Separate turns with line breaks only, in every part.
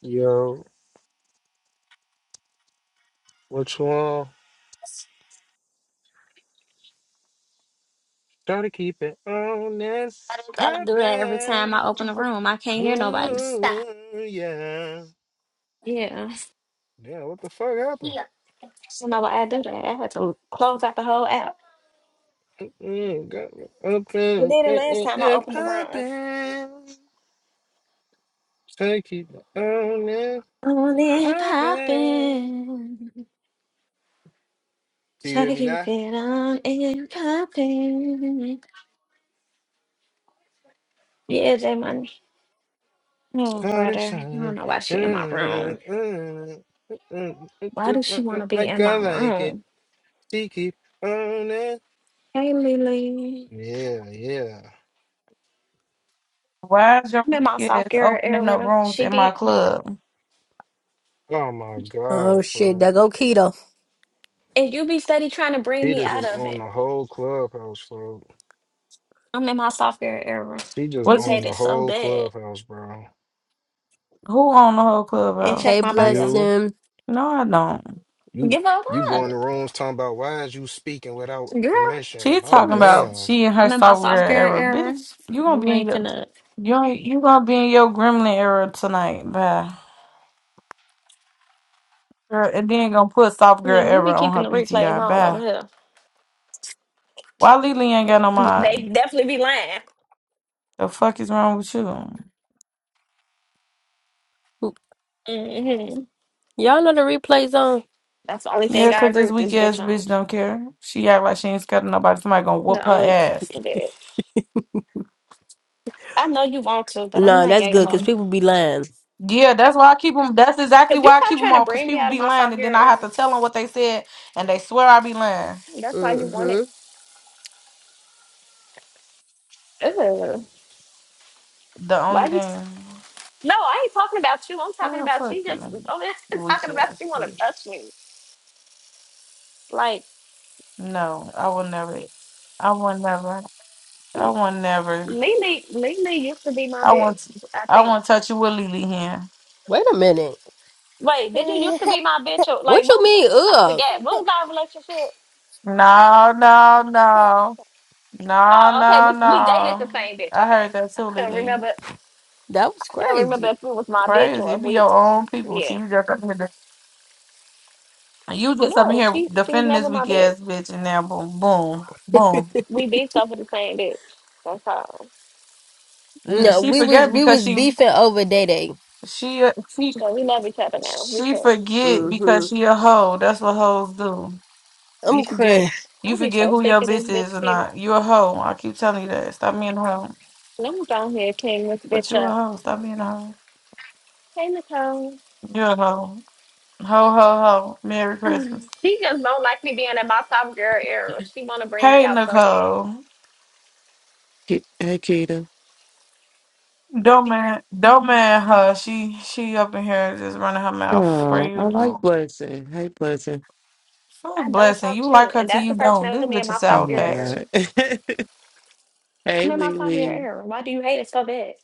Yo, which one? Gotta keep it honest,
I do that every time I
poppin'.
open a room. I can't hear nobody. Stop.
Ooh, yeah.
Yeah.
Yeah, what the fuck happened?
So know why I do that. I had to close out the whole app.
Mm-mm, got me
It
open
did it
mm-mm,
last
and
time I
and
opened the room.
poppin'. Gotta keep it honest,
On and
poppin'.
popping.
Do you
Try
hear
to
me
keep
now?
it on and popping. Yeah, J Money. Oh,
Sun is
brother. I don't
shining.
know why she in my
mm,
room.
mm, mm,
Why
mm,
does she want
mm,
to be
Like
in my
I like it.
room?
She keep on honest.
Hey, Lily.
Yeah, yeah.
Why is your
I'm in
weak
my soft
ass
girl
opening up
era.
rooms
She
in my
be,
club?
Oh my
Oh
God,
shit,
bro.
that go keto.
and you be steady trying to bring me
Peter
out
just
of
owned
it.
the whole clubhouse, bro.
I'm in my sophomore era.
He just
What's
You
his,
hate
owned the
it so
whole
bad.
clubhouse, bro.
who on the whole
And
clubhouse?
check
Hey,
my
bless
bio.
You,
him.
No, I don't.
you,
Give up
you go in the
what?
rooms talking about why is you speaking without
Girl.
permission?
She's
I'm
talking
Oof.
about
damn.
she and her
I'm in my
software
sophomore
era.
era.
Bitch, you gonna
You
be in
ain't
your
finna.
you ain't- you gonna be in your gremlin era tonight. Bye. Girl, and then gonna put soft girl
Yeah, we be
era on
keeping
her
the replays
PTR.
on over
Bye.
here.
Why Lily ain't got no
They
mind?
definitely be
The fuck is wrong with you?
lying. hmm
Y'all know the replays on?
That's the only
Yeah,
thing I
cause
agree
this
with
weak
this
ass
bitch on.
bitch don't care. She act like she ain't scared of nobody. Somebody gonna whoop
The
her
only
ass.
thing that I know you want to, but I'm
Nah,
not
that's
gay
good
ho.
because people be lying.
Yeah, that's why I keep them. That's exactly
Cause you
why I
stop
keep them
trying to
on, cause
bring me
people
out of
be
my
lying,
sophomore
and then I
era.
have to tell them what they said, and they swear I be lying.
That's why you want
Mm-hmm.
it. Ugh.
The
Why
only
you?
thing,
No, I ain't talking about you. I'm talking
girl,
about
fuck
she
you,
just oh I'm
weak
talking about
ass
she wanna
bitch.
touch me. Like
No, I will never. I will never. I will never.
Lily Lily used to be my
I
bitch,
want. to-
I
I
think.
won't touch you with Lily here.
Wait a minute.
Wait, did you used to be my bitch or like
What you
what
mean?
I
Ugh,
forget. What was our relationship?
No, no, no, no,
Oh, okay,
no,
we we dated the
no.
same bitch,
I
okay.
heard that too,
I can not
Lily.
remember I
that was
can't remember
crazy.
if it was my bitch
Crazy.
or if
It be
we
your own people. so
yeah.
you just You just up in
No,
here
she she was
defending this
never my
weak
bitch.
ass bitch, and now boom, boom, boom.
We bitched over the same bitch. That's all.
N-
no,
She
we was
forget
we
because
was
she
beefing over day day.
she a- she
But we love each other now. We
she
cool.
forget
Mm-hmm.
because she a hoe. That's what hoes do. You
I'm
forget
crying.
you
I'll be
forget
so
who your
sick of this
bitch
bitch
is or
Peter.
not. You a hoe. I keep telling you that. Stop being a hoe.
Let me go ahead, clean this
But
bitch
you a
up.
hoe. Stop being a hoe.
Hey, Nicole.
You a hoe. Ho ho ho. Merry Christmas.
She just don't like me being in my soft girl era. She want to bring me
Hey
out so bad.
Nicole.
K- Hey, Keita.
Don't man don't man her. She she up in here just running her mouth for
Oh, I
you.
like Blessing. Hey, Blessing.
Fuck
I don't
blessing.
talk
You like
shit.
her
And
till
that's the
you
person
don't.
that
This
put me in
bitch a
my
Oh,
soft
sour
girl
my
patch.
era.
God. hey,
I'm in my soft girl
Lily.
era. Why do you hate it so bad?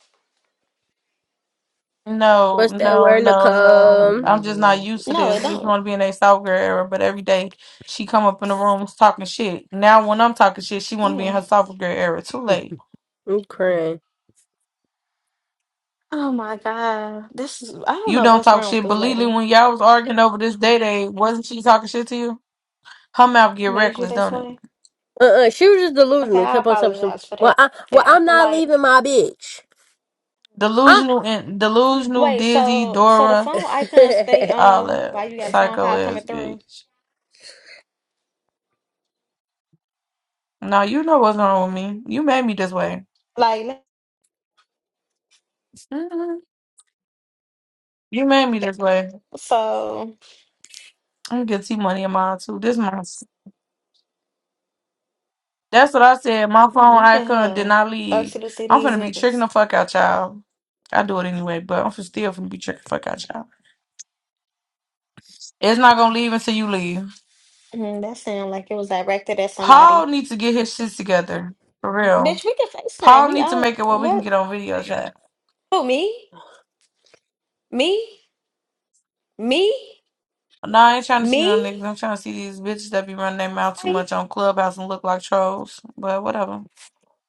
No,
What's that
no,
word,
no,
Hey,
no.
Nicole?
I'm just not
Lily.
used to
No,
this.
it
We
don't.
want to be in a soft girl era, but every day she come up in the rooms talking shit. Now when I'm talking shit, she want to be
Yeah.
in her soft girl era. Too late.
I'm crying.
Oh my God. This is, I don't
You
know
don't
what's
talk
wrong with
shit.
this
but me,
lady.
when y'all was arguing over this day day, wasn't she talking shit to you? Her mouth get
Made you
reckless,
this
don't it?
way?
Uh-uh, she was just
Okay,
delusional.
I
Kept on saying some.
apologize for that.
Well, I well
I
I'm
feel
not
like,
leaving my bitch.
Delusional and delusional,
wait,
dizzy,
so, so the
Dora,
phone icon stay
I.
all
on
that
while you got a phone
psycho
call
ass
coming through?
bitch. Now you know what's wrong with me. You made me this way.
Like,
You made me this way.
so.
I'm gonna get T money in mine too. This my that's what I said. My phone
Look at
icon did
her.
not leave.
Actually, to see
I'm
these
finna be tricking
niggas.
the fuck out y'all. I do it anyway, but I'm finna still finna be tricking the fuck out y'all. It's not gonna leave until you leave.
Mm, that sound like it was directed at somebody.
Paul needs to get his shit together. For real.
Bitch, we can FaceTime.
Paul
We
needs to make
all
it where we can
What?
get on video chat.
Who? me? Me? Me?
No, I ain't trying to see no
Me?
niggas. I'm trying to see these bitches that be running their mouth too
Hi.
much on Clubhouse and look like trolls. But whatever.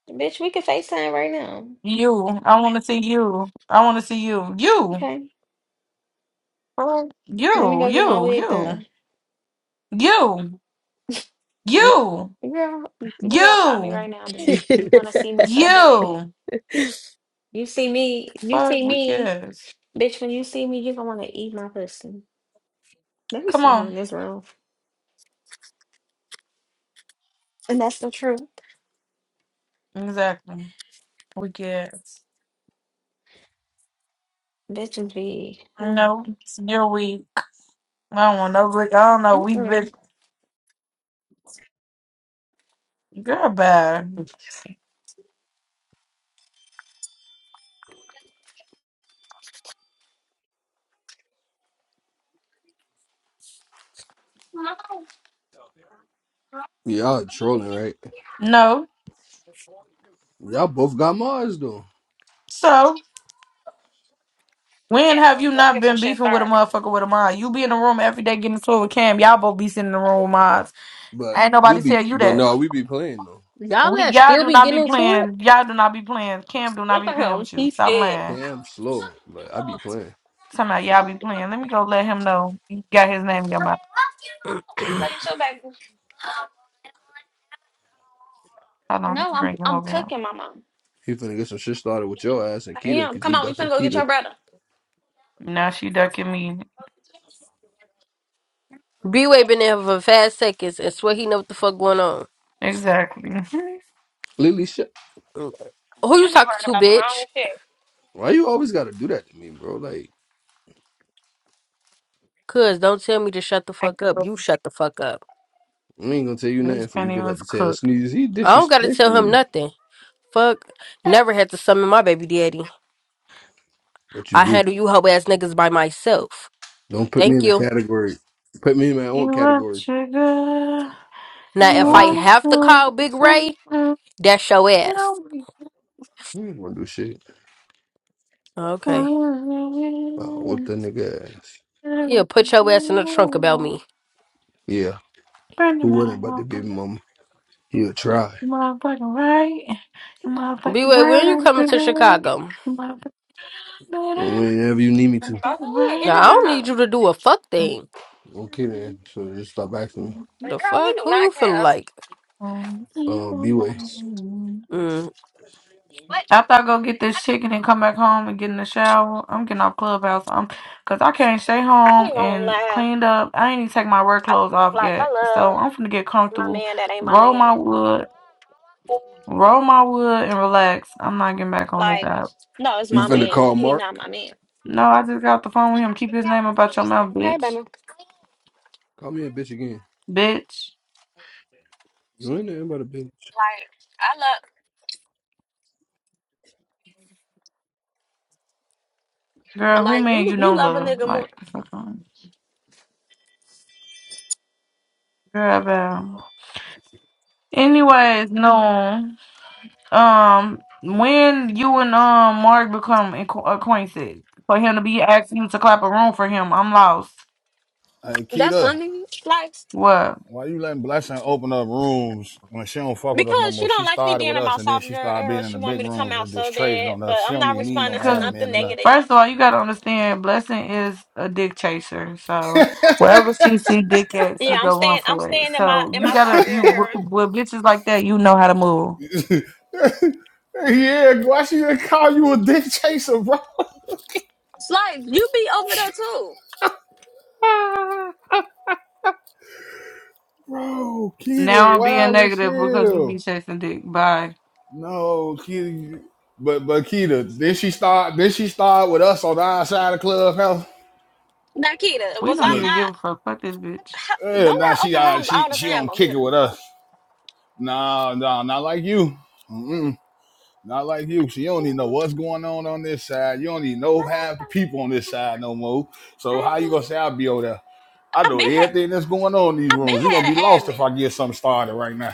Bitch, we can FaceTime right now.
You. I wanna see you. I wanna see you. You.
Okay.
Well,
Let me
You,
go get my
you,
wig done.
you, you, you,
Girl, video call me
you,
right now, then. You wanna see me so bad.
you.
You see me, you
Fuck,
see
we
me.
kids.
Bitch, when you see me, you gonna wanna eat my pussy. Let me
Come
see who in
on.
this room. And that's the truth.
Exactly. We kids.
Bitches be.
No, you're weak. I don't want no, weak- I don't know, weak bitch. Girl, bad.
Y'all trolling, right?
No.
Y'all both got Mars though.
So,
Yeah,
when have you
y'all
not
get some
been
shit
beefing with a
started.
motherfucker with a mod? You be in the room every day getting into it with Cam. Y'all both be sitting in the room with mods.
But
Ain't
we
nobody
be
tell you
but
that.
no, we be playing though.
Y'all
We
that
y'all
still
do
be
not be
getting into it?
playing. Y'all do not be playing. Cam do not
Look
be
at
playing
him.
with you.
He's
Stop
scared.
lying.
Cam slow, but I be playing.
Somehow y'all be playing. Let me go let him know you got his name in your mouth.
I love you so, baby.
Hold on, let
No,
me
I'm
bring him
I'm
over here.
cooking, Mama.
He finna get some shit started with your ass and
I
Kita
am.
cause you
Come on, we finna
ducking
go get your
Kita.
brother.
Now she ducking me.
B-Way been there for five seconds and swear he know what the fuck going on.
Exactly.
Lily shit.
Mm. Who you
You be
talking
worried
to,
about the wrong
bitch?
shit.
Why you always gotta do that to me, bro? Like
Cuz, don't tell me to shut the
I
fuck up.
cook.
You shut the fuck up.
I ain't gonna tell you nothing
This
for you
penny
go back
was
to tell
cooked.
Sneeze. He
I don't gotta
disrespecting
tell him
you.
nothing. Fuck. Never had to summon my baby daddy.
But you
I
do.
handle you hoe ass niggas by myself.
Don't put me
Thank
in the
you.
category. Put me in my
You
own
want
category.
sugar?
Now,
You
Cause I
if
don't
I
put you
want
have to
some?
call Big Ray, that's your ass.
No, we
you ain't gonna do shit. Wow,
Okay.
what the nigga ass.
He'll put your ass in the trunk about
don't.
me.
Yeah.
Burn them
Who wouldn't but the
out.
baby mama? He'll try.
You motherfucking right. You motherfucking
B-Way, when you
right,
coming to
girl.
Chicago?
You motherfucking right.
Whenever you need
You
me to.
motherfucking
Go ahead, get in
Now,
your
I don't
right.
car.
need you to do a fuck thing.
Okay then. So just stop asking me.
The
Like, Girl, we
fuck?
do
Who you
not
feeling
care.
like?
Uh B way.
Mm.
What?
After I go get this chicken and come back home and get in the shower, I'm getting off clubhouse. I'm, cause I can't stay
I
home
ain't gonna
and
lie.
cleaned up. I ain't even take my work
I
clothes off
like I
yet,
love
so I'm finna get
my
comfortable,
man that ain't my
roll
man.
my wood, roll my wood, and relax. I'm not getting back on this
Like,
app.
no, it's
You
my
finna
man,
call
but he
Mark?
not my man.
No, I just got off the phone with him. Keep his name about your mouth,
Hey, baby.
bitch.
Call me a bitch again.
Bitch.
You ain't nothing but a bitch.
Like, I love
Girl, who
like
man
you
you
you
don't
love a
love?
nigga more.
Like, fuck on. Girl, about. Anyways, no. Um, when you and um Mark become acqu- acquainted, for him to be asking you to clap a room for him, I'm lost.
Hey,
That's
Keita,
funny. Like,
What?
why you letting Blessing open up rooms when she don't fuck with us no
Because she
more? She
don't like me
started
being
with
in
us
my
and then
soft
she
girl
started
era.
being in
She
the
want me
big
to come
rooms
out
and just
so
trading
bad,
on
but
us. She
I'm
don't
not
even need no
responding to
Because
nothing
admin
negative.
or
first of all, you gotta understand, Blessing is a dick chaser. So wherever she see dick at,
Yeah,
she
I'm
go run
staying. I'm
for it.
staying in my
So
in
you
my soft
gotta
girl
you with,
era.
with bitches like that, you know how to move.
nothing. yeah, why she didn't call you a dick chaser, bro?
It's like you be over there too,
Bro, Keita,
Now I'm being
wild as
negative because you be
hell.
chasing dick. Bye.
No, Keita, you- but but Keita, then she start then she start with us on the outside of clubhouse.
Nikita.
We
Was
don't
I
Look,
even give a
not?
fuck. Fuck this bitch.
ha- Don't
eh, now
I
she
open
uh,
rooms
she
all the
she on
time over
kick
here?
it with us. Nah, nah, not like you. Mm-mm. Not like you. So you don't even know what's going on on this side. You don't even know half the people on this side no more. So how you gonna say I'll be over there? I
I
know
been had.
everything that's going on in these
I been
rooms. You're gonna be
had an
lost if
admin.
I get something started right now.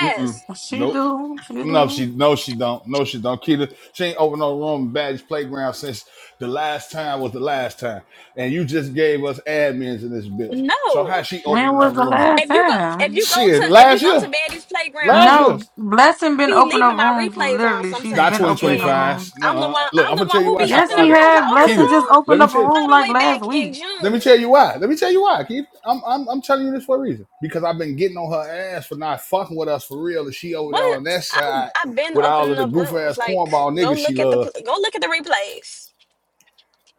Mm-mm.
She
Nope.
do. She
No,
do.
she no, she don't. No, she don't. Keita, she ain't opened no room in Badge Playground since the last time was the last time. And you just gave us admins in this bitch. So how
No.
she
When
opening
was
up
the
room?
last
If you go, if you
time?
go
Shit,
to, if you
last
go to
year.
Betty's
Last
playground,
No,
year.
Blessing
I
been
be
opening
leaving
up
my
rooms.
replays on
Literally, she's
Not
been
sometimes,
opening up
and
rooms.
2025. No,
I'm the
uh,
one.
look,
I'm
I'm
the
gonna tell
one
you
who
why
be
she
Yes, he
opening
started.
rooms.
had.
I open the
Blessing
Keita,
just
room.
let
opened
me
up a
tell
room
all the
like
way
last
back in
week.
let me
June.
tell you why. Let me tell you why, Keith. I'm, I'm I'm telling you this for a reason. Because I've been getting on her ass for not fucking with us for real. And she over there on
but
that
I,
side
I've been
with all of
opening
the
up
goof
rooms.
ass
Like,
cornball
go
niggas she
look at the
love.
pl- go look at the replays.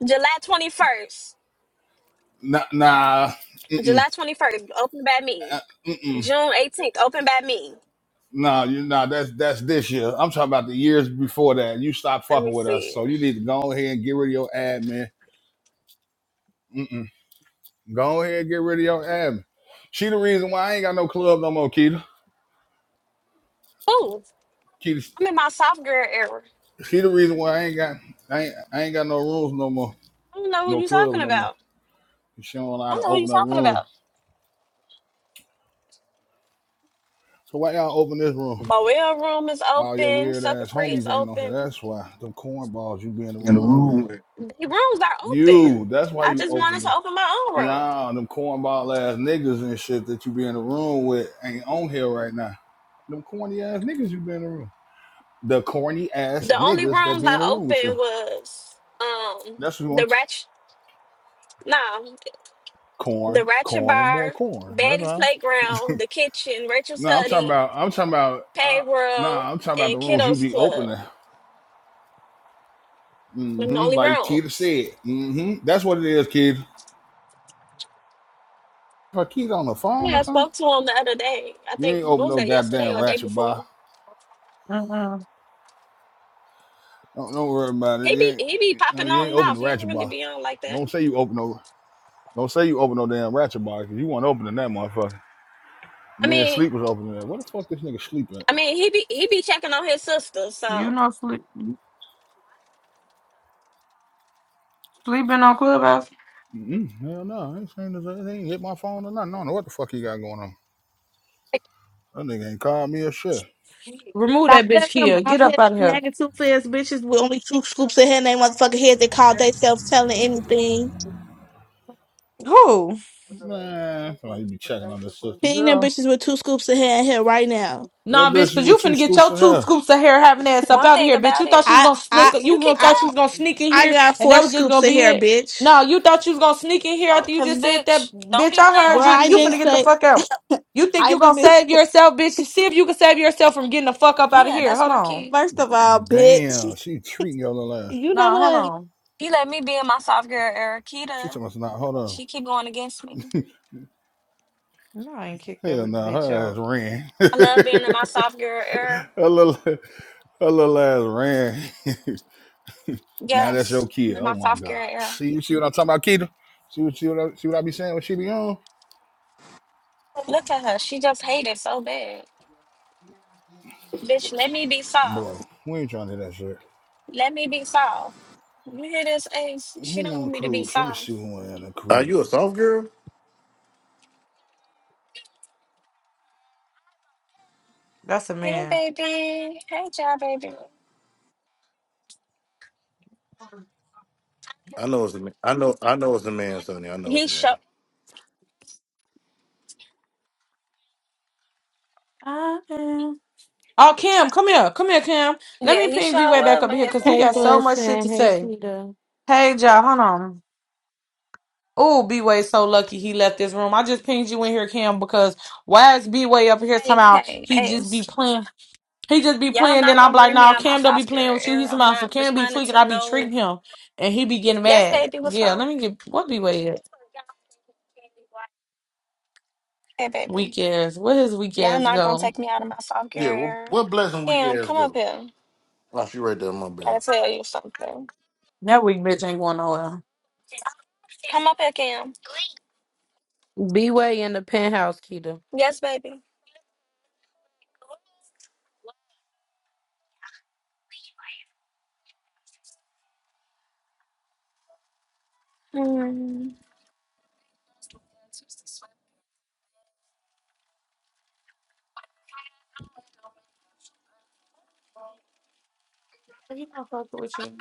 July twenty first,
Nah, nah, mm-mm,
July twenty first, open by me.
uh, mm-mm.
June eighteenth, open by me.
Nah, you nah, that's that's this year. I'm talking about the years before that. You stopped
Let
fucking
me
with us.
see.
So you need to go ahead and get rid of your admin. Mm-mm. Go ahead and get rid of your admin. She the reason why I ain't got no club no more, Keita.
Who?
Keita
I'm in my soft girl era.
she the reason why I ain't got I ain't, I ain't got no rooms no more,
I don't know who
no
you talking
clubs no more.
about.
She don't know
I
how
don't
to
know who you
open up
talking about.
rooms. So why y'all open this room?
Boel room is
All your
open.
weird
Sucker
ass
free is
homies ain't on here.
open.
That's why them cornballs you be in the room with.
The rooms are
You,
open.
that's why
I
you
just wanted
opened
to
it.
open my own room.
Nah, them cornball ass niggas and shit that you be in the room with ain't on here right now. Them corny ass niggas you be in the room. The corny ass
The only
niggas that
rooms
be
I
in the room with you.
opened was um
That's what we
the
want.
ratchet no, the
Corn,
ratchet
corn, and more
bar,
corn. That's
Betty's
all.
playground, the kitchen, Rachel
No, I'm talking
study,
about. I'm talking about.
Pay
Uh,
World,
nah, I'm talking about the
and
rooms you
Kiddos
be
Club.
opening.
Them the
hmm
only
Like Keita
rooms.
said. hmm That's what it is, kid. If I Keita on the phone
Yeah,
or
I
something,
spoke to him the other day. I
you
think
ain't
what
open
was
no
that yesterday
goddamn
or the day
ratchet
before?
bar.
Uh-uh.
Don't, don't worry about it.
He
You
be
ain't,
he be
you
popping on
ain't
and
open
off.
the
He don't
ratchet
really
bar.
be on like that.
Don't say you open no. Don't say you open no damn ratchet bar because you weren't opening that motherfucker.
I
Me and
mean
Sleep was opening that. Where the fuck this nigga sleep at?
I mean he be he be checking on his sister,
You
so
know, sleep, sleeping on Clubhouse.
Mm-mm. Hell no. This ain't, this ain't hit my phone or nothing. I don't know what the fuck he got going on. That nigga ain't called me a shit.
Remove
Now,
that bitch,
where's some
Kia.
bald
Get up
headed,
out of here.
snagging two fast bitches with only two scoops of hair in their motherfucking head that call themselves telling anything?
Who?
Man, somebody be checking on this sister.
Ping them
Girl,
bitches with two scoops of hair in here right now.
Nah,
what bitch
bitch,
is
cause you
with two
finna get
scoops
your
of
two
hair?
scoops of hair having ass up
one
out of
thing
here, bitch.
about
You thought
it,
she was
I,
gonna sneak
you
I,
you
you
gonna
kicked
I,
thought she was
out?
gonna sneak in
I
here
got
and that
four
was just
scoops
gonna
of
be
hair,
it.
bitch.
No, you thought you was gonna sneak in here
Oh,
after you
cause
just said that
bitch, don't
bitch,
be
I
playing
Bro,
with
heard
my
you.
I
You finna
didn't
kid.
get the
say,
fuck out. You think
I
you gonna
didn't,
save yourself, bitch? See if you can save yourself from getting the fuck up out of
Yeah,
here.
that's
Hold
my
on.
kid.
first of all, bitch.
Damn, she treating your little ass.
You know
Nah, hold
what?
on.
He let me be in my soft girl era.
She
Kita,
talking about, nah, hold on.
she keep going against me.
No, I ain't kicked that
Hell no,
weak
nah,
bitch
her ass
out.
ran.
I love being in my soft girl era.
her, little, her little ass ran. now that's your
Yes,
kid.
in
Oh
my
my
soft girl
God.
era.
See, see what I'm talking about, Keita? See what, see, what I, see what I be saying when she be on?
Look at her. She just hated so bad. Bitch, let me be soft.
Bro, we ain't trying to do that shit.
Let me be soft. You hear this, Ace? She
Who
don't
on the
want me to be
cruise? Let me
soft.
see who on the
Are
Caribbean.
you a soft girl?
That's a
Hey,
man.
baby. Hey, y'all, baby.
I know it's a man. I know I know it's a man, Sonny. I know it's
He
a
show.
man.
I am. Oh, Kim, come here. Come here, Kim. Let
Yeah,
me
he
ping
sure
B-Way back
was
up
when
here
he's
because
saying
he
Hey,
got
that.
so much shit to
Blessing. Hey,
say.
Keita.
Hey, y'all, hold on. Oh, B-Way so lucky he left this room. I just pinged you in here, Kim, because why is B-Way up here
Hey,
somehow
hey,
he just be
Ace.
playing? He just be
Y'all
playing, then
not
I'm
gonna
like,
bring me
nah,
out my
Cam don't be
soft
playing
girl
with you.
era.
He's
I'm
somehow, so
not
Cam be
responding
tweaking, I
to
be
no
treating him, and he be getting
Yes,
mad.
baby, what's
Yeah,
wrong?
let me get, what B-Way at?
Hey,
Weak
baby.
ass. Where his weak
Y'all
ass
not gonna
go?
take me out of my
Yeah,
software
well,
era.
what blessing weak
Cam,
ass
come up
go?
here.
Oh, she right there in my bed.
Gotta tell you something.
That weak bitch ain't going nowhere.
Come up here, Cam.
B Way in the penthouse, Keita.
Yes, baby. Hmm.
He not fucking with you.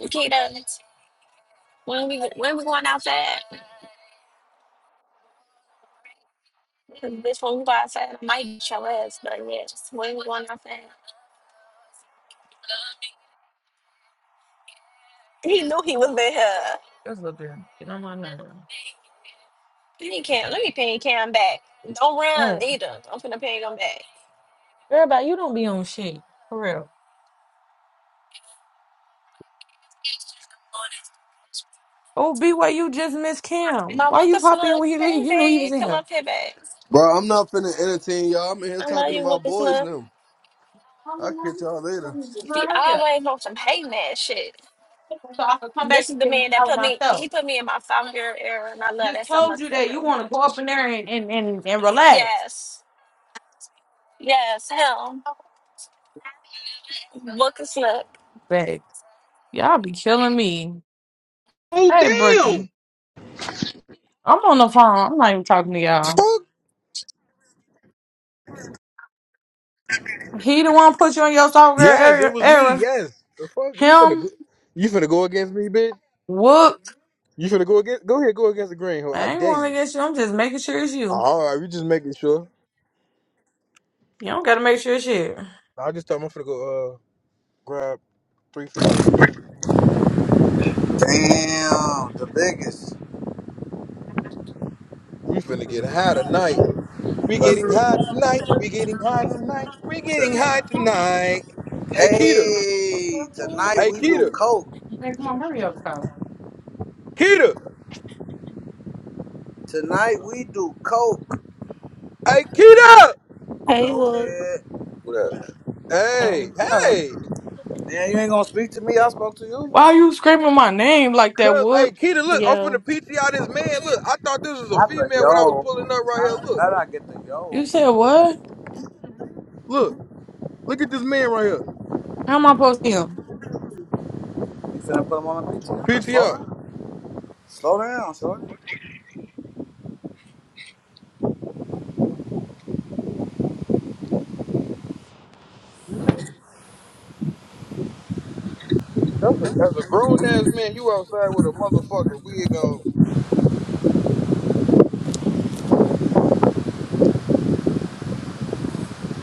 Kita, when we when we going outside? 'Cause Bitch, when we go outside, I might beat your ass, but yes, when we going outside. He knew he was in here.
That's a little bit. Get on my nerve.
Let me Cam, let me ping Cam back. Don't run
What?
either. I'm finna ping him back.
Everybody, you don't be on shit. For real. Oh, BYU just missed Cam.
My
Why you
Wooka
pop in
Snook.
when he leave?
Hey,
You knew he was
babe.
in
Come
here.
up here, babe.
Bro, I'm not finna entertain y'all. I'm in here
I love
talking to
you,
my
Wooka
boys
Snook.
now.
I'm
I'll
in
catch y'all later.
He
my here.
always on some hating ass shit.
So I could come back
This is the
and
man that
tell
put me. He
myself.
put me in my five year era, and I love
Just
that so
told
much
you
for
that you
him.
want to go up in there and, and, and, and relax.
Yes, yes, him. Look, is look,
Babe, y'all be killing me.
Oh
Hey,
damn!
Brookie. I'm on the phone. I'm not even talking to y'all.
Fuck.
He the one put you on your soft girl
Yes,
era.
it was me.
era.
Yes. The fuck you finna
Him,
go, you finna go against me, bitch.
whooped.
You finna go against go ahead, go against the green hoe. I
I ain't
dare
going
you.
against you. I'm just making sure it's you.
All right, we just making sure.
You don't got to make sure it's you.
I just told him I'm finna go uh grab three fifteen.
Damn, the biggest.
We finna get high tonight. We
But
getting high tonight. We getting high tonight. We getting high tonight.
t-
Hey Keita.
hey, tonight
Hey
we do
Keita.
coke.
Where's my Mario from?
Keita.
Tonight we do coke.
Hey Keita.
Hey,
Go
Wook.
ahead.
What up? Hey.
So,
Oh.
Hey.
Man, you ain't gonna speak to me. I spoke to you.
Why are you screaming my name like that,
Cuz, hey,
Wood?
Keita, look, I'm
yo.
finna PTR. this man. Look, I thought this was a
Not the
female when I was
yo.
pulling up right
How
here. Look,
how did I get the
You
yo?
said what?
look, look at this man right here.
How am I supposed to hear?
You finna put him on the PTR. Slow
PTR.
down. Slow down, shorty.
That's a, that's a grown ass man. You outside with a motherfucking wig on.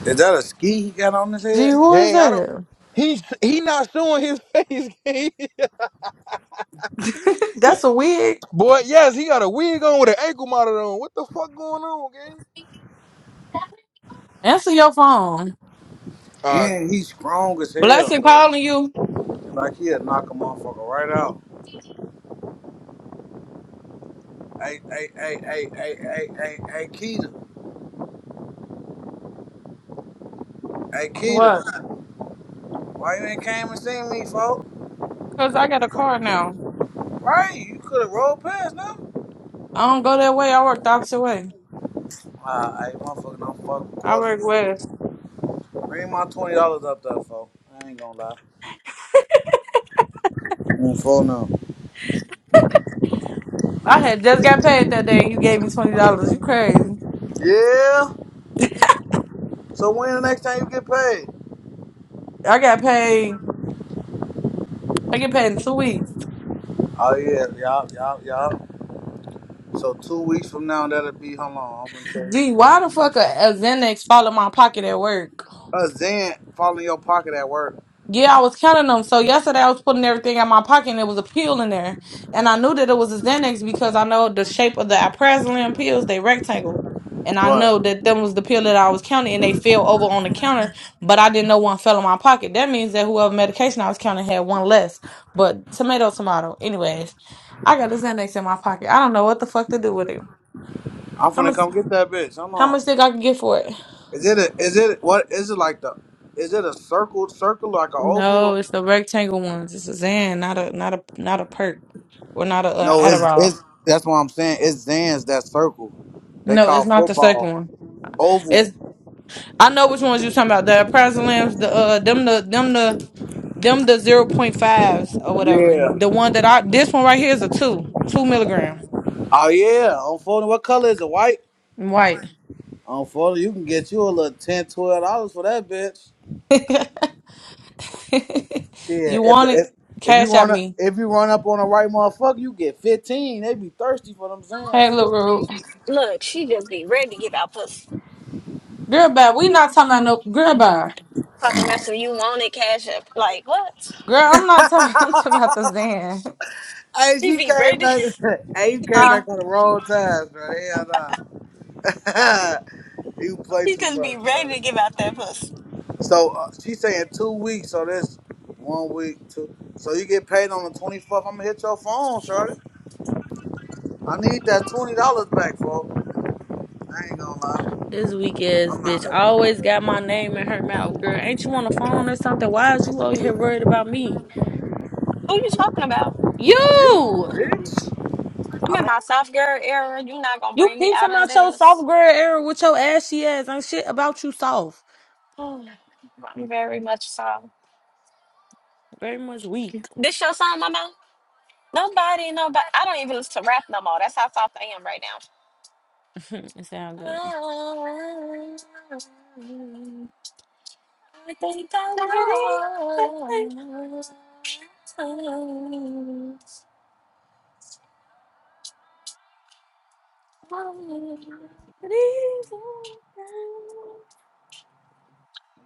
Is that a ski he got on his
Gee,
head?
who is
Gang, I don't.
that?
He's he not showing his face, gang.
That's a wig.
Boy, yes, he got a wig on with an ankle monitor on. What the fuck going on, gang?
Answer your phone.
Uh,
And he's strong as hell,
Blessing
shorty.
calling you.
Like he'll knock a motherfucker right out. Hey, hey, hey, hey, hey, hey, hey, hey, Keita. Hey, Keita.
What?
Why you ain't came and seen me, folk?
Because I got a car now.
Right, you could have rolled past them.
I don't go that way. I work the opposite way.
Ah, hey, motherfucker, don't fucking
I work west.
calling. Bring my twenty dollars up there, folk. I ain't gonna lie. Mm, full now.
I had just got paid that day and you gave me $20. You crazy.
Yeah. So when the next time you get paid?
I got paid. I get paid in two weeks.
Oh yeah, y'all, y'all, y'all. So two weeks from now, that'll be. Hold on, I'm gonna tell you
Gee,
this.
why
day.
the fuck a, a Xanax fall in my pocket at work?
A Zen fall in your pocket at work.
Yeah, I was counting them. So yesterday I was putting everything in my pocket and it was a pill in there. And I knew that it was a Xanax because I know the shape of the Alprazolam pills, they rectangle. And I
Right.
know that them was the pill that I was counting and they fell over on the counter, but I didn't know one fell in my pocket. That means that whoever medication I was counting had one less. But tomato, tomato. Anyways, I got a Xanax in my pocket. I don't know what the fuck to do with it.
I'm
How
finna
much
come get that bitch. Hold
how
on.
much think I can get for it?
Is it a? Is it what? Is it like the? Is it a circle? Circle like an oval? or
No, it's the rectangle ones. It's a Xan, not a not a not a perk or not a uh,
No, it's
Adderall.
it's that's what I'm saying. It's Zans that circle. They
No, it's
call
not the second
football
one. It's
oval.
I know which ones you talking about. The Prazolams, the uh them the them the them the zero point fives or whatever.
Yeah.
The one that I this one right here is a two two milligram
Oh yeah. On phone, what color is it? White.
white.
On phone, you can get you a little ten, twelve dollars for that bitch.
you
Yeah. If
want it?
if if you
Cash at
wanna
me.
if you run up on the right motherfucker, you get fifteen. They be thirsty for them Zans.
Hey, look,
So.
rude.
look. She just be ready to give out pussy.
girl, bye. We not talking about no girl, bye.
Talking about some you want it cash up. Like what?
Girl,
hey,
I'm not talking. I'm talking about the Xan.
She
she
be
came
ready.
back. hey, you came back on the wrong times, bro. Hell nah. you play
he
too
just be
much,
ready
bro.
to give out that pussy.
So uh, she's saying two weeks. So that's one week, two. So you get paid on the 24th. I'm gonna hit your phone, Shorty. I need that twenty dollars back, folks. I ain't gonna lie.
This weak ass
I'm
bitch
not
always got my name in her mouth, girl. Ain't you on the phone or something? Why is you over here worried about me?
Who you talking about?
you,
You!
bitch.
I'm in my soft girl era. You not gonna
You
bring me
keep
out
talking
of
about your soft
this?
girl era with your ashy ass. Ain't shit about you soft.
Very much so.
Very much weak.
This your song, Mama? Nobody, nobody. I don't even listen to rap no more. That's how soft I am right now.
it sound good.
I think I know.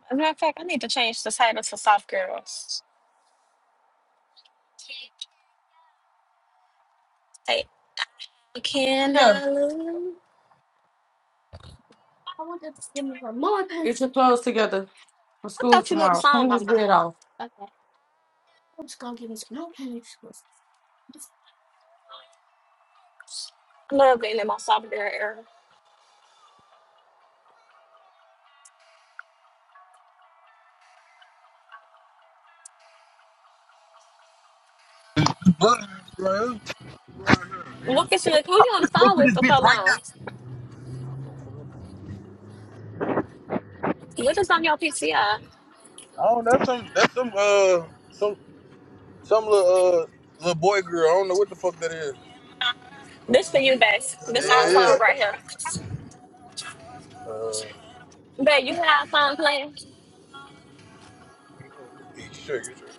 As a matter of fact, I need to change the title to Soft Girls. Hey, can
Yeah.
I lose?
Get your clothes together for
I
school
thought you knew the
tomorrow.
song,
Clean this
Mama.
bed off.
I love being in my soft girl era. Look at you, like, who you on the phone with for so
bitch, right now.
long? What is on your PCI?
Oh, that's some, that's some, uh, some, some little, uh, little boy girl. I don't know what the fuck that is.
This for you, Bass. This our
Yeah,
song right here.
yeah. Uh,
But you have fun playing.
Get straight, get straight.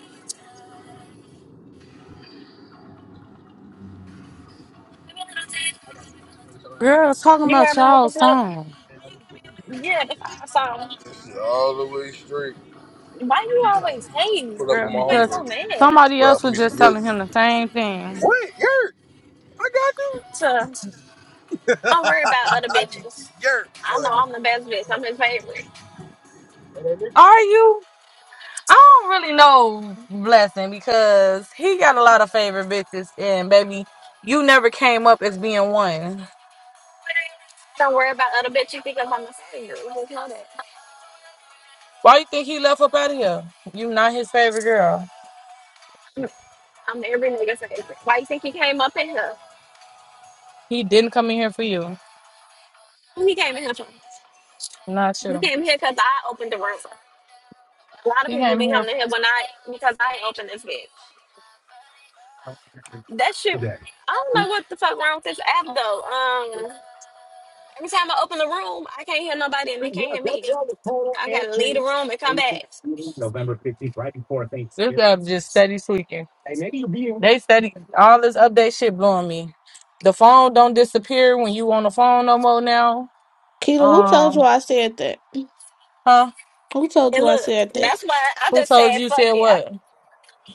Girl, talking
You hear
about
me
y'all
whooping up?
song.
Yeah, that's our song.
This shit all the way straight.
Why you always hating?
Put up
You
Girl,
on my
always
homie
because
so
right there.
mad.
somebody else
Browse
was
me
just
some yurt.
telling him the same thing.
What? Yurt? I got you.
So don't worry about other
I need the
bitches.
yurt,
I know
shorty.
I'm the best bitch. I'm his favorite.
Are you? I don't really know Blessing because he got a lot of favorite bitches, and baby, you never came up as being one.
Don't worry about other bitches because I'm his favorite. Just know that.
Why you think he left up out of here? You not his favorite girl.
I'm every nigga's favorite. Why you think he came up in here?
He didn't come in here for you.
Who he came in here for?
Not
He
you.
came here because I opened the room. A lot of
He
people
came
be
here.
coming in here when I because I opened this bitch. That shit. I don't know what the fuck wrong with this app though. Um. Anytime I open the room, I can't hear nobody and they can't hear me. I gotta leave the room and come back.
November fifteenth, right before Thanksgiving. This app just steady tweaking. Hey, maybe you'll be in- They steady all this update shit blowing me. The phone don't disappear when you on the phone no more now.
Keita, who told you
Um,
I said that?
huh?
Who told
And
you I
look,
said that?
that's why I
Who
just
told
said
you
fuck
said
it. I,
what?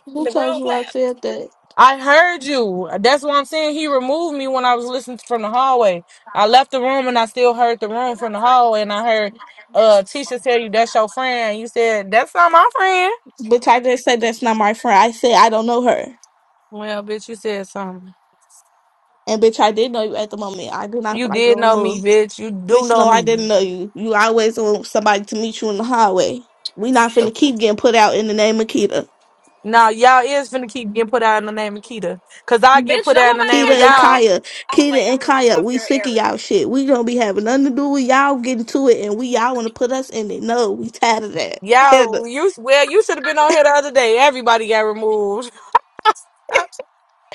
Who
the
told
room
you I
clapped.
said that?
I heard you. That's why I'm saying he removed me when I was listening from the hallway. I left the room and I still heard the room from the hallway, and I heard uh Tisha tell you that's your friend. You said that's not my friend.
Bitch, I didn't say that's not my friend. I said I don't know her.
Well, bitch, you said something.
And bitch, I did know you at the moment. I do not
You
feel like
did
you're
know me,
removed.
bitch. You do
Bitch,
know
no, I
me.
didn't know you. You always want somebody to meet you in the hallway. We not finna keep getting put out in the name of Kita.
Now y'all is finna keep getting put out in the name of Keita, cause I get
Bitch,
put
don't
out in the
nobody
name of
Kita
gotta
and
know
y'all.
you.
Kaya.
Oh wait,
Kita
I'm
and
in my
Kaya,
soft
we
girl
sick of
era.
y'all shit. We don't be having nothing to do with y'all getting to it and we y'all wanna put us in it. No, we tired of that. Heather.
Y'all, you well, you should have been on here the other day. Everybody got removed.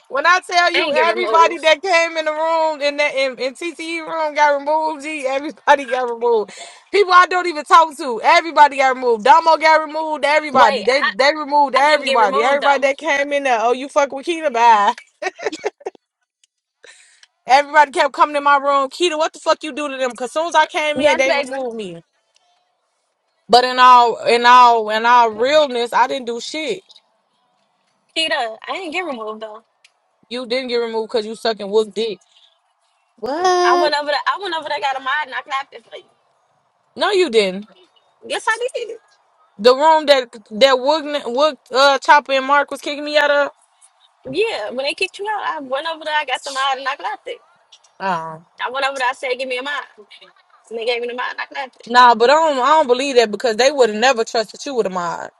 When I tell
I
you
ain't get
everybody
removed.
that came in the room in that in, in TCE room got removed, G, everybody got removed. People I don't even talk to, everybody got removed. Domo got removed, everybody.
Wait,
They
I,
they removed
I didn't get
everybody.
removed
Everybody
though.
that came in there, oh you fuck with Keita, bye. Everybody kept coming in my room. Keita, what the fuck you do to them? Cause soon as I came in,
Yes,
they
baby.
removed me. But in all in all in all realness, I didn't do shit.
Kita, I didn't get removed though.
You didn't get removed because you sucking wook dick.
I
What?
went over there, I went over there, got a mod and I clapped it for you.
No, you didn't.
Yes, I did.
The room that that Wood, Wood uh, Chopper and Mark was kicking me out of.
Yeah, when they kicked you out, I went over there, I got some mod and I clapped it.
Um,
I went over there, I said, give me a mod. And they gave me the mod and I clapped it.
nah, but I don't I don't believe that because they would have never trusted you with a mod.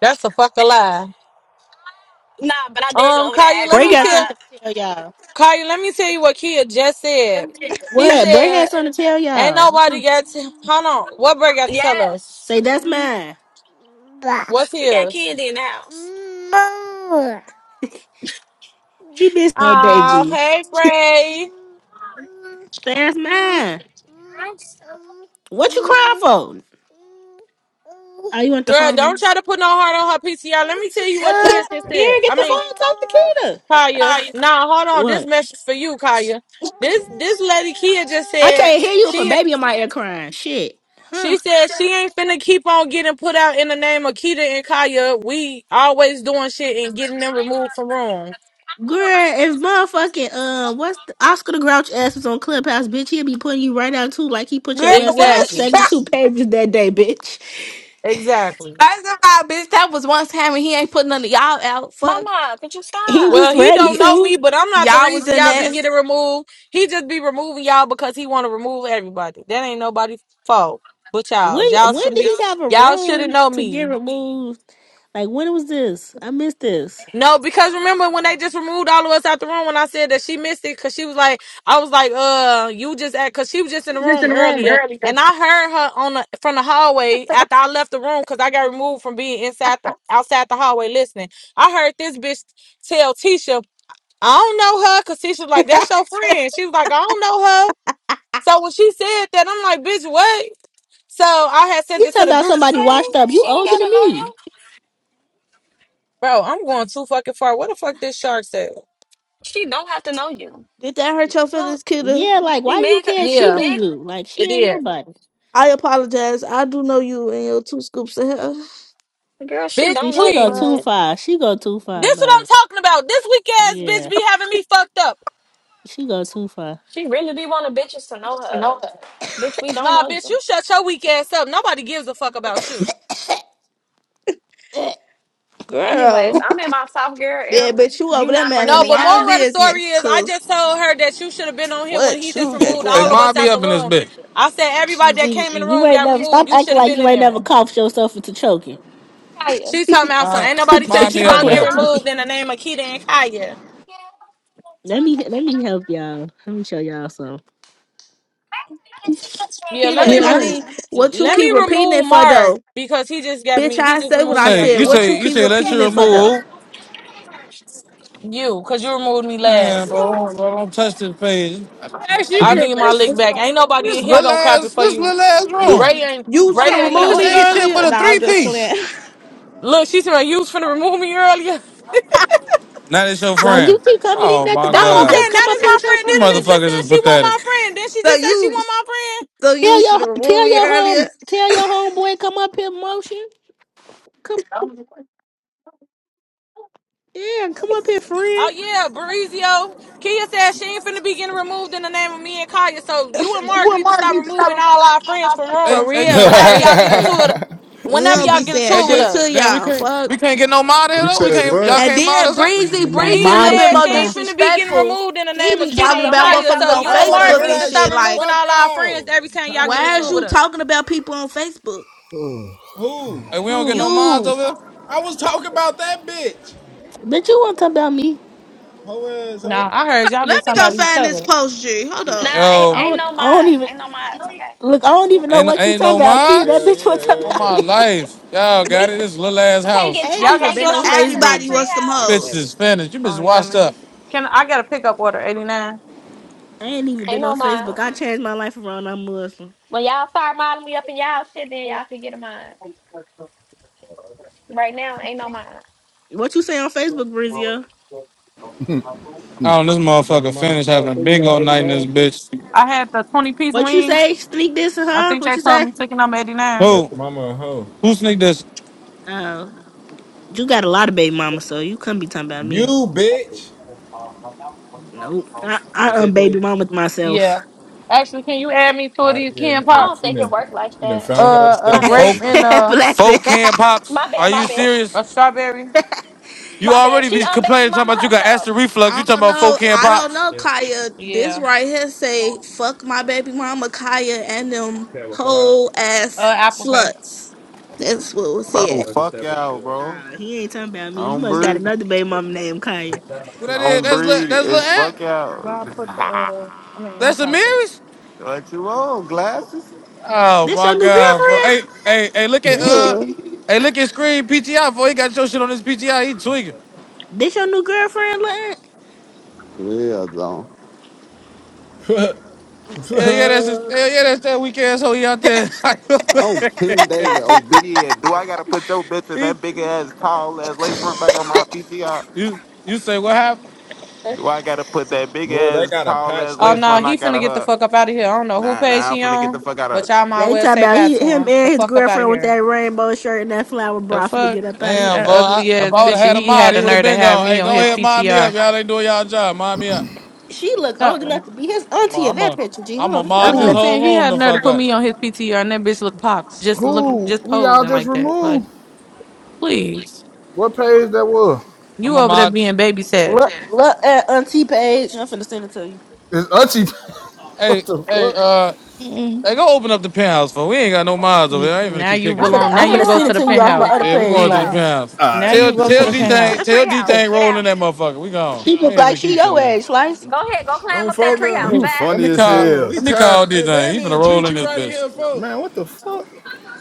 That's a fucking lie.
Nah, but I did go
Um,
over there
Kaya,
and ask
let
for
Bray
me
got
tell
my
something to tell y'all.
Kaya, let me tell you what Kia just said. He
What? Bray had
said,
something to tell
"Ain't
y'all. What you-
nobody got to hold on. What Bray got to tell us?
yes.
Say that's mine.
What's
We got
his?
candy in the house.
He been all day,
Oh,
G.
hey
Say
Bray,
that's mine. What you crying for? Oh, you want the
girl, don't
phone?
try to put no heart on her PCR. Let me tell
Here,
you what Kia just said. I
get the
mean,
phone. Talk to
Kaya.
Kita.
Nah, hold on. This
What?
message for you, Kaya. This this lady Kia just
I
said
can't hear you if a
she
baby in my ear crying. Shit.
she
Huh?
said she ain't finna keep on getting put out in the name of Kita and Kaya. We always doing shit and getting them removed from room.
Girl, if motherfucking uh, what's the, Oscar the Grouch ass was on Clubhouse, bitch, he'll be putting you right out too, like he put
Girl,
your ass
what
out
is
Exactly.
seventy two pages that day, bitch.
Exactly.
First of all, bitch, that was one time and he ain't put none of y'all out. Fuck.
Mama, could you
He
stop?
Well,
was
he
ready
don't
Y-
know
to.
me, but I'm not the
y'all was
reason
in
y'all be
that.
getting removed. He just be removing y'all because he want to remove everybody. That ain't nobody's fault but y'all.
When
Y'all
when
shouldn't
did
be.
he have a
Y'all shouldn't
room
know
to get
me.
removed? Like when was this? I missed this.
No, because remember when they just removed all of us out the room when I said that she missed it because she was like, I was like, uh, you just at because she was just in the room earlier and I heard her on the from the hallway after I left the room because I got removed from being inside the outside the hallway listening. I heard this bitch tell Tisha, I don't know her because Tisha was like,
you
that's your friend. She was like, I don't know her. So when she said that, I'm like, bitch, what? So I had sent it
talking
to the
about
group.
somebody
Okay,
washed up?
she
You
ain't
older than
gotta know you.
me?
Bro, I'm going too fucking far. What the fuck this shark said?
She don't have to know you.
Did that hurt your
So
feelings, Kita?
Yeah, like
you
why do you
mad? 'cause-
care? if She
You
Yeah,
knew
mad?
you. Like
it
she
is.
ain't nobody.
I apologize. I do know you and your two scoops of hair,
Girl, she
Bitch,
See,
don't know
she go
you.
please.
too
but
far. She go too far.
This what
Like
I'm talking about. This weak ass
yeah,
bitch be having me fucked up.
she go too far.
She really be wanting bitches to know her. Bitch, we don't
Nah,
know
bitch,
you.
you shut your weak ass up. Nobody gives a fuck about you.
Anyways,
girl,
I'm in my soft girl
yeah,
era.
but you over
You
there
not
man in
bringing
No,
the
me
but
out
wrong
moral
of
of the
it.
story
business.
is I
Cause
just told her that you should have been on here when
what
he just
you got
removed
Hey,
going
all of
on?
us
mind me
out the
up in this
room.
bitch.
I said everybody that
You,
came in the
you
room
ain't
got
never
removed.
stop
You
acting
should have
like
been
you
in
ain't
there.
never coughed yourself into choking.
Hiya.
She talking about so
Mind,
ain't nobody finna
Bitch,
mind me
keep
up
stop
Huh?
in
on
You
here.
getting
letting
some?
me.
removed in the name of Keita and Kaya.
Let me let me help y'all. Let me show y'all something.
Yeah, let
Kita,
me
Yeah,
I
let
mean,
re-
what you
let
keep
me
repeating
remove
it for
Mark
though?
because he just got
Bitch,
me. He
I
just
say
You
what
removed
I
me out
say,
said.
the
you
What
say,
you
room.
you
keep
say, let
repeating
you
it for though?
remove.
You, because you removed me
Man,
last.
bro, bro, don't touch this page. Actually, you
I
me.
can,
need my
this,
lick back. Ain't nobody in
this
here
little
gonna cop it
ass,
for
this
you.
little ass
You
room.
Ray ain't
you was
Okay,
Ray
finna
I'm
ain't
finna
remove
This
in.
order
me
you
ain't shit
some.
earlier?
but a
Nah, I'm
three
just playing.
piece.
Look, she said you was finna remove me earlier.
Now this your
Like
friend.
you keep coming
Oh
in at the
my
That's what
bottom.
I'm
god,
Just
saying.
come
That
up
is
here
my
with your
friend.
you
This bitch
friends.
just
motherfuckers is
said she want
pathetic.
my friend. Then she
so
just said she
you
want my friend.
so you
Tell
was
your
finna remove
tell
me
your home
earlier?
tell your homeboy come up here, motion. Come yeah, come up here,
Oh
friend.
yeah, Barizio. Kia said she ain't finna be getting removed in the name of me and Kaya. So you and Mark need to stop removing all our friends from
Hey,
For
rooms
hey,
real,
just,
like
whenever
hey,
y'all get into
hey,
it.
we
Whenever
don't
y'all
be
get into
saying
hey,
it with
shit
us.
to
just, damn, we
y'all.
can't,
Fuck.
we can't get no mod here
You
though. We
said
can't, y'all
what?
And
can't mod
then
us up.
Breezy,
Nah,
Breezy a
Kia
mine
little
is
bit
said
too
more
she ain't
far.
finna be getting
disrespectful.
removed in the
He
name of
be
Kita
Y'all
talking
and
don't
about
pass
Kaya.
out
motherfuckers
So
no
on
you
I don't
and
mods in
want
my
to
Mark
Facebook
hear
need
and
to
that
room.
stop
shit.
shit.
Like,
removing
Fuck
all our friends
y'all.
every
I'm
time y'all
tired
get
of
why
into
is
it with
you
y'all.
us.
talking about people on Facebook?
Who?
Hey, we don't get
Who?
no mods
You.
over
I was talking about that bitch.
Bitch, you want to talk about me?
Ho ass
Nah,
ho.
I heard y'all
Let
been
me
talking
go
about each
find this
other.
post, G. Hold
here.
Nah,
on.
I
ain't
Yo,
ain't
don't.
no
I don't
mods.
even
Ain't no mods. Okay.
look. I don't even know
Ain't
what you
ain't no
talking about, kid. That
mods
Hell
bitch want
yeah,
to talk
hell
on
about
yeah.
my
me.
life. Y'all got
We
it. This little ass
I can't
house.
I
get
ain't
I
Y'all
even
got
can't get
been
no
on
slushies?
mods in that
Everybody
Facebook,
tree
was some
house.
Bitch
hoes.
is finished. You
Oh,
bitch washed
11.
up.
Can I got a pickup order, 89.
I ain't even
Ain't
been
no
on Facebook.
mods.
I changed my life around. I'm Muslim.
When y'all start modding me up in y'all shit, then y'all can get a mod. Right now, ain't no mod.
What you say on Facebook, Brizio?
Oh, this
My baby
motherfucker
mama
finished
a hoe.
having bingo night in this bitch.
I had the 20 piece
What you
wing.
say? Sneak this,
I
huh?
think
What
they
you
told
say?
me ticket number 89.
Baby
Who?
mama a hoe.
Who sneaked this?
Oh, you got a lot of baby mama, so you couldn't be talking about
You
me.
bitch.
Nope. I, I unbaby mama
Yeah.
myself.
Actually, can you add me two of
Oh
these
yeah, you
Ken
I
done,
Pop?
don't
she
think it
done,
worked like
she done
that.
found her
Uh, a
My bad,
Folk
grape
stepdad.
my
and
bad.
uh,
Bless it.
folk can pops.
My bad,
Are
my
you
bad.
serious?
a strawberry.
You
My bad.
already
She
be
unbaby
complaining talking
mama
about you got
herself.
acid reflux. You
I
talking
don't
about folk
know.
can
I don't
pops.
know, Kaya. This
Yeah.
right here say, fuck my baby mama, Kaya, and them whole ass
Uh, apple pie.
sluts. That's what we'll see
Bro,
it.
fuck y'all, bro.
nah, he ain't talking about me.
I
You
don't
must got
breed.
another baby mama named Kaya.
What that
I
is?
don't
That's li-
breed.
that's little
It's fuck
ant.
Well,
y'all.
I put the, uh, I mean, I'm
That's
tired of
Amiri's.
what you want? Glasses?
Oh
This your
my
new
god, bro.
girlfriend?
Hey, hey, hey, look at
yeah,
uh
Ugh.
hey, look at screen PTI, boy. He got your shit on his PTI. He tweaking.
This your new girlfriend, Lynn?
though.
Hell yeah, that's just, hell yeah, that's that weak asshole hoe out there.
Oh, King David, obedient. Do I gotta
this.
put your bitch in
He-
that big ass, tall ass lace front back on my PTR?
you you say what happened?
Do I gotta put that big
boy, they
ass,
gotta
tall ass
patch
Oh
lace
that
no,
front?
shit.
I
he finna
gotta
Boy.
get the
hug.
fuck up out of here. I don't know who
Nah,
page
nah, I'm
he
finna get the
on,
fuck out of
but y'all might
They
well
talk
say
about
bye
he,
to
him
him. The
and his
fuck up out of
girlfriend with
here.
that rainbow shirt and that flower
The
bra for to
fuck
get up out of
Damn,
here.
that
fool. I,
ugly
if
ass
I would have
bitch.
had a
He
mod,
had
he
a
would have
nerve to
been
have
gone.
me
Hey,
on
go
his
ahead, mod me up.
PTR.
Y'all ain't doing y'all job. Mod me up.
She look old enough
No,
to be his auntie in
I'm
that
a,
picture. G, hold
I'm a
on, let me
that's
mod
click
what
this
I'm
Who?
that.
whole
saying. He
room
had
the
a nerve to
fuck
put
up.
me on his PTR, and that bitch look pops, just look,
Who?
just
Who y'all
posing
just
like that. Like,
removed?
please,
What page that was?
you
I'm a
over there
mod.
being babysat.
Look, look at auntie page. I'm finna send it to you.
It's Uchi.
Hey,
What the
hey,
fuck?
uh,
Mm.
hey, go open up the penthouse, fool. We ain't got no mods over here. I ain't gonna
Now
keep
you
kicking
I'm
Fuck
finna,
it.
belong.
that
Now
I'm
you
finna
go
send
to
it
treehouse.
the
to
Fuck
you off
that
my
penthouse.
little
other
yeah,
ass
we
page,
going to the
Gee,
treehouse.
Slice.
penthouse.
now
Ah,
Tell,
you go to
tell
the
D
Man, go to
thing,
penthouse.
the
tell D
treehouse.
thing,
Get
roll
out.
in that motherfucker. We gone.
She
We
look
ain't
like
even
she
keep sitting
your
there.
age, Slice.
Go ahead. Go climb
On
up that
phone
Let
treehouse,
now.
me
you
man.
let
We
funny
me
as
call
gone.
hell.
We
let me call
tired.
this
They they
thing. He
didn't
been
even treat
rolling
you
this
right in
bitch.
here, folk.
Man, what the fuck?